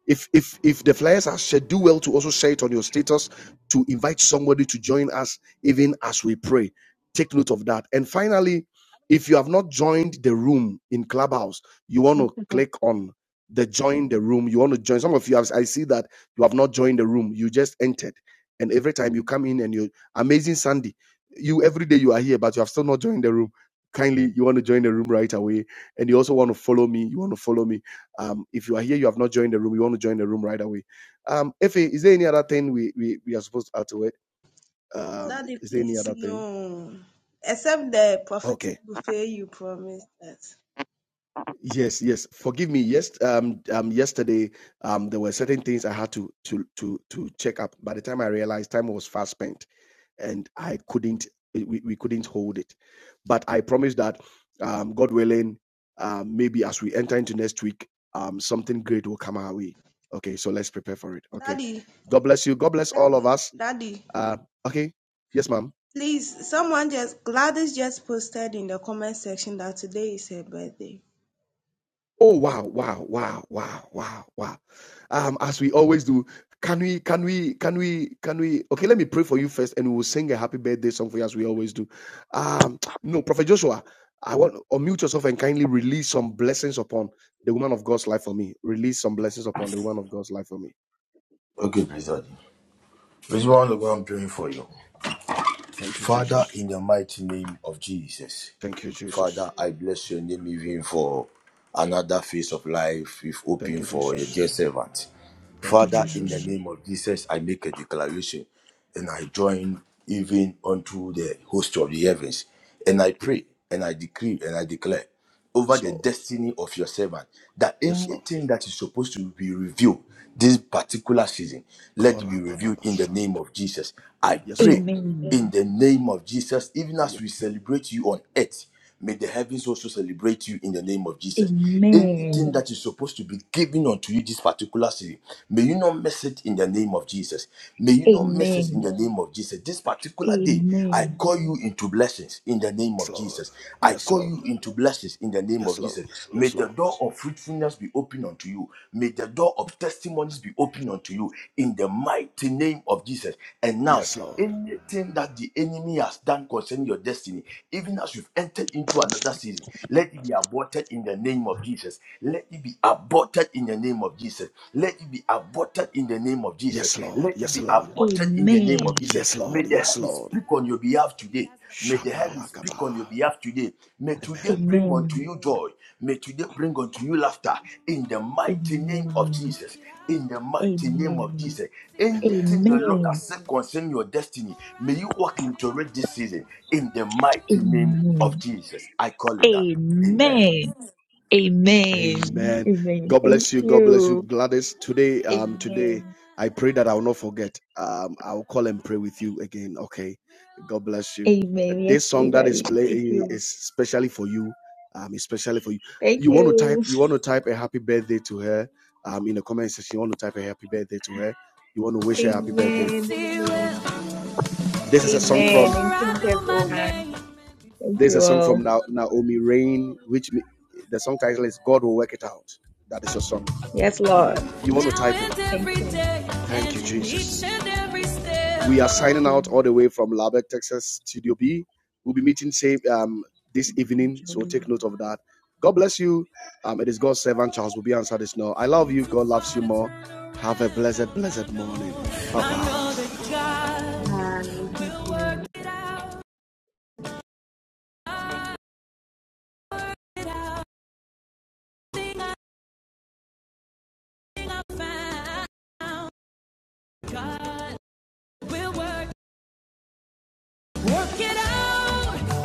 Speaker 1: if if if the flyers are shared, do well to also share it on your status to invite somebody to join us even as we pray. Take note of that. And finally, if you have not joined the room in Clubhouse, you want to
Speaker 6: Amen.
Speaker 1: click on the join the room. You want to join. Some of you have I see that you have not joined the room. You just entered. And every time you come in and you amazing Sandy, you every day you are here, but you have still not joined the room. Kindly, you want to join the room right away. And you also want to follow me. You want to follow me um, if you are here, you have not joined the room, you want to join the room right away. Um, Efe, is there any other thing we, we, we are supposed to add to it? Um,
Speaker 10: Daddy,
Speaker 1: is there any
Speaker 10: please,
Speaker 1: other thing?
Speaker 10: no. Except the prophetic
Speaker 1: Okay.
Speaker 10: buffet you promised us.
Speaker 1: Yes, yes. Forgive me. Yes, um, um, yesterday, um, there were certain things I had to to to to check up. By the time I realized, time was fast spent, and I couldn't we, we couldn't hold it. But I promise that, um, God willing, um, maybe as we enter into next week, um, something great will come our way. Okay, so let's prepare for it. Okay,
Speaker 10: Daddy,
Speaker 1: God bless you. God bless all of
Speaker 10: Daddy,
Speaker 1: us.
Speaker 10: Daddy,
Speaker 1: Uh, okay, yes, ma'am.
Speaker 10: please, someone just, Gladys just posted in the comment section that today is her birthday.
Speaker 1: Oh wow, wow, wow, wow, wow, wow. Um, as we always do, can we, can we, can we, can we? Okay, let me pray for you first, and we will sing a happy birthday song for you as we always do. Um, no, Prophet Joshua, I want to unmute yourself and kindly release some blessings upon the woman of God's life for me. Release some blessings upon the woman of God's life for me.
Speaker 3: Okay, praise God. This is one of what I'm praying for you.
Speaker 1: Thank you,
Speaker 3: Father,
Speaker 1: Jesus.
Speaker 3: in the mighty name of Jesus.
Speaker 1: Thank you,
Speaker 3: Father,
Speaker 1: Jesus.
Speaker 3: I bless your name even for another phase of life you've
Speaker 1: Thank
Speaker 3: opened
Speaker 1: you,
Speaker 3: for your dear
Speaker 1: Jesus.
Speaker 3: servant.
Speaker 1: Thank you,
Speaker 3: Father, in the
Speaker 1: Jesus.
Speaker 3: name of Jesus, I make a declaration and I join even unto the host of the heavens. And I pray and I decree and I declare over
Speaker 1: Yes,
Speaker 3: the
Speaker 1: Lord.
Speaker 3: destiny of your servant that
Speaker 1: Yes, Lord.
Speaker 3: anything that is supposed to be revealed this particular season, let it be revealed in the name of Jesus. I
Speaker 1: Yes,
Speaker 3: pray
Speaker 1: Lord.
Speaker 5: amen, amen,
Speaker 3: in the name of Jesus, even as
Speaker 1: Yes,
Speaker 3: we celebrate you on earth. May the heavens also celebrate you in the name of Jesus.
Speaker 5: amen.
Speaker 3: Anything that is supposed to be given unto you this particular season, may you not miss it in the name of Jesus. May you not miss it in
Speaker 5: Amen.
Speaker 3: the name of Jesus. This particular day, I
Speaker 5: Amen.
Speaker 3: call you into blessings in the name of
Speaker 1: Lord.
Speaker 3: Jesus. I
Speaker 1: Yes,
Speaker 3: call
Speaker 1: Lord.
Speaker 3: you into blessings in the name
Speaker 1: Yes,
Speaker 3: of
Speaker 1: Lord.
Speaker 3: Jesus. May
Speaker 1: Yes,
Speaker 3: the
Speaker 1: Lord.
Speaker 3: door of fruitfulness be open unto you. May the door door of testimonies be opened unto you in the mighty name of Jesus. And now,
Speaker 1: Yes, Lord.
Speaker 3: anything that the enemy has done concerning your destiny, even as you've entered into another season, let it be aborted in the name of Jesus. Let it be aborted in the name of Jesus. Let it be aborted in the name of Jesus.
Speaker 1: Yes, Lord.
Speaker 3: Let it
Speaker 1: Yes,
Speaker 3: be
Speaker 1: Lord.
Speaker 3: aborted in the
Speaker 5: Amen.
Speaker 3: name of Jesus.
Speaker 1: Yes,
Speaker 3: May
Speaker 1: Lord.
Speaker 3: the
Speaker 1: Yes,
Speaker 3: heavens
Speaker 1: Lord.
Speaker 3: speak on your behalf today. May the heavens
Speaker 1: Shabalakaba.
Speaker 3: speak on your behalf today. May
Speaker 1: Amen.
Speaker 3: today bring unto
Speaker 5: Amen.
Speaker 3: you joy. May today bring unto you laughter. In the mighty name of
Speaker 5: Amen.
Speaker 3: Jesus. In the mighty name of
Speaker 5: Amen.
Speaker 3: Jesus.
Speaker 1: Amen.
Speaker 3: Anything the Lord
Speaker 5: Amen.
Speaker 3: has said concerning your destiny, may you walk into it this season. In the mighty name of
Speaker 5: Amen.
Speaker 3: Jesus. I call it that. Amen.
Speaker 5: Amen. Amen.
Speaker 1: Amen.
Speaker 5: Amen.
Speaker 1: God
Speaker 5: Thank
Speaker 1: bless you. God bless you,
Speaker 5: you.
Speaker 1: Gladys. Today, um, today,
Speaker 5: Amen.
Speaker 1: I pray that I will not forget. Um, I'll call and pray with you again. Okay. God bless you.
Speaker 5: Amen. Yes,
Speaker 1: This song that is
Speaker 5: Daddy. Thank
Speaker 1: playing
Speaker 5: you.
Speaker 1: is especially for you. Um, especially for you.
Speaker 5: Thank
Speaker 1: You want to type.
Speaker 5: you.
Speaker 1: You want to type a happy birthday to her. Um, in the comment section, you want to type a happy birthday to her. You want to wish her happy birthday.
Speaker 5: Amen. Amen.
Speaker 1: This is a song
Speaker 5: Amen.
Speaker 1: from
Speaker 5: And thank you, everyone. Thank
Speaker 1: there's a
Speaker 5: you
Speaker 1: song from
Speaker 5: all.
Speaker 1: Na- Naomi Rain, which me- the song title is God Will Work It Out. That is your song.
Speaker 5: Yes, Lord.
Speaker 1: You want to type it?
Speaker 5: Thank you.
Speaker 1: Thank you, Jesus. We are
Speaker 5: Thank
Speaker 1: signing out
Speaker 5: you.
Speaker 1: all the way from Lubbock, Texas, Studio B. We'll be meeting same um, this evening,
Speaker 5: Thank
Speaker 1: so
Speaker 5: you.
Speaker 1: take note of that. God bless you. Um, it is God's servant Charles will be answered this now. I love you. God loves you more. Have a blessed, blessed morning. Bye
Speaker 5: Bye. Thank you.
Speaker 1: bye. We'll work, work it out.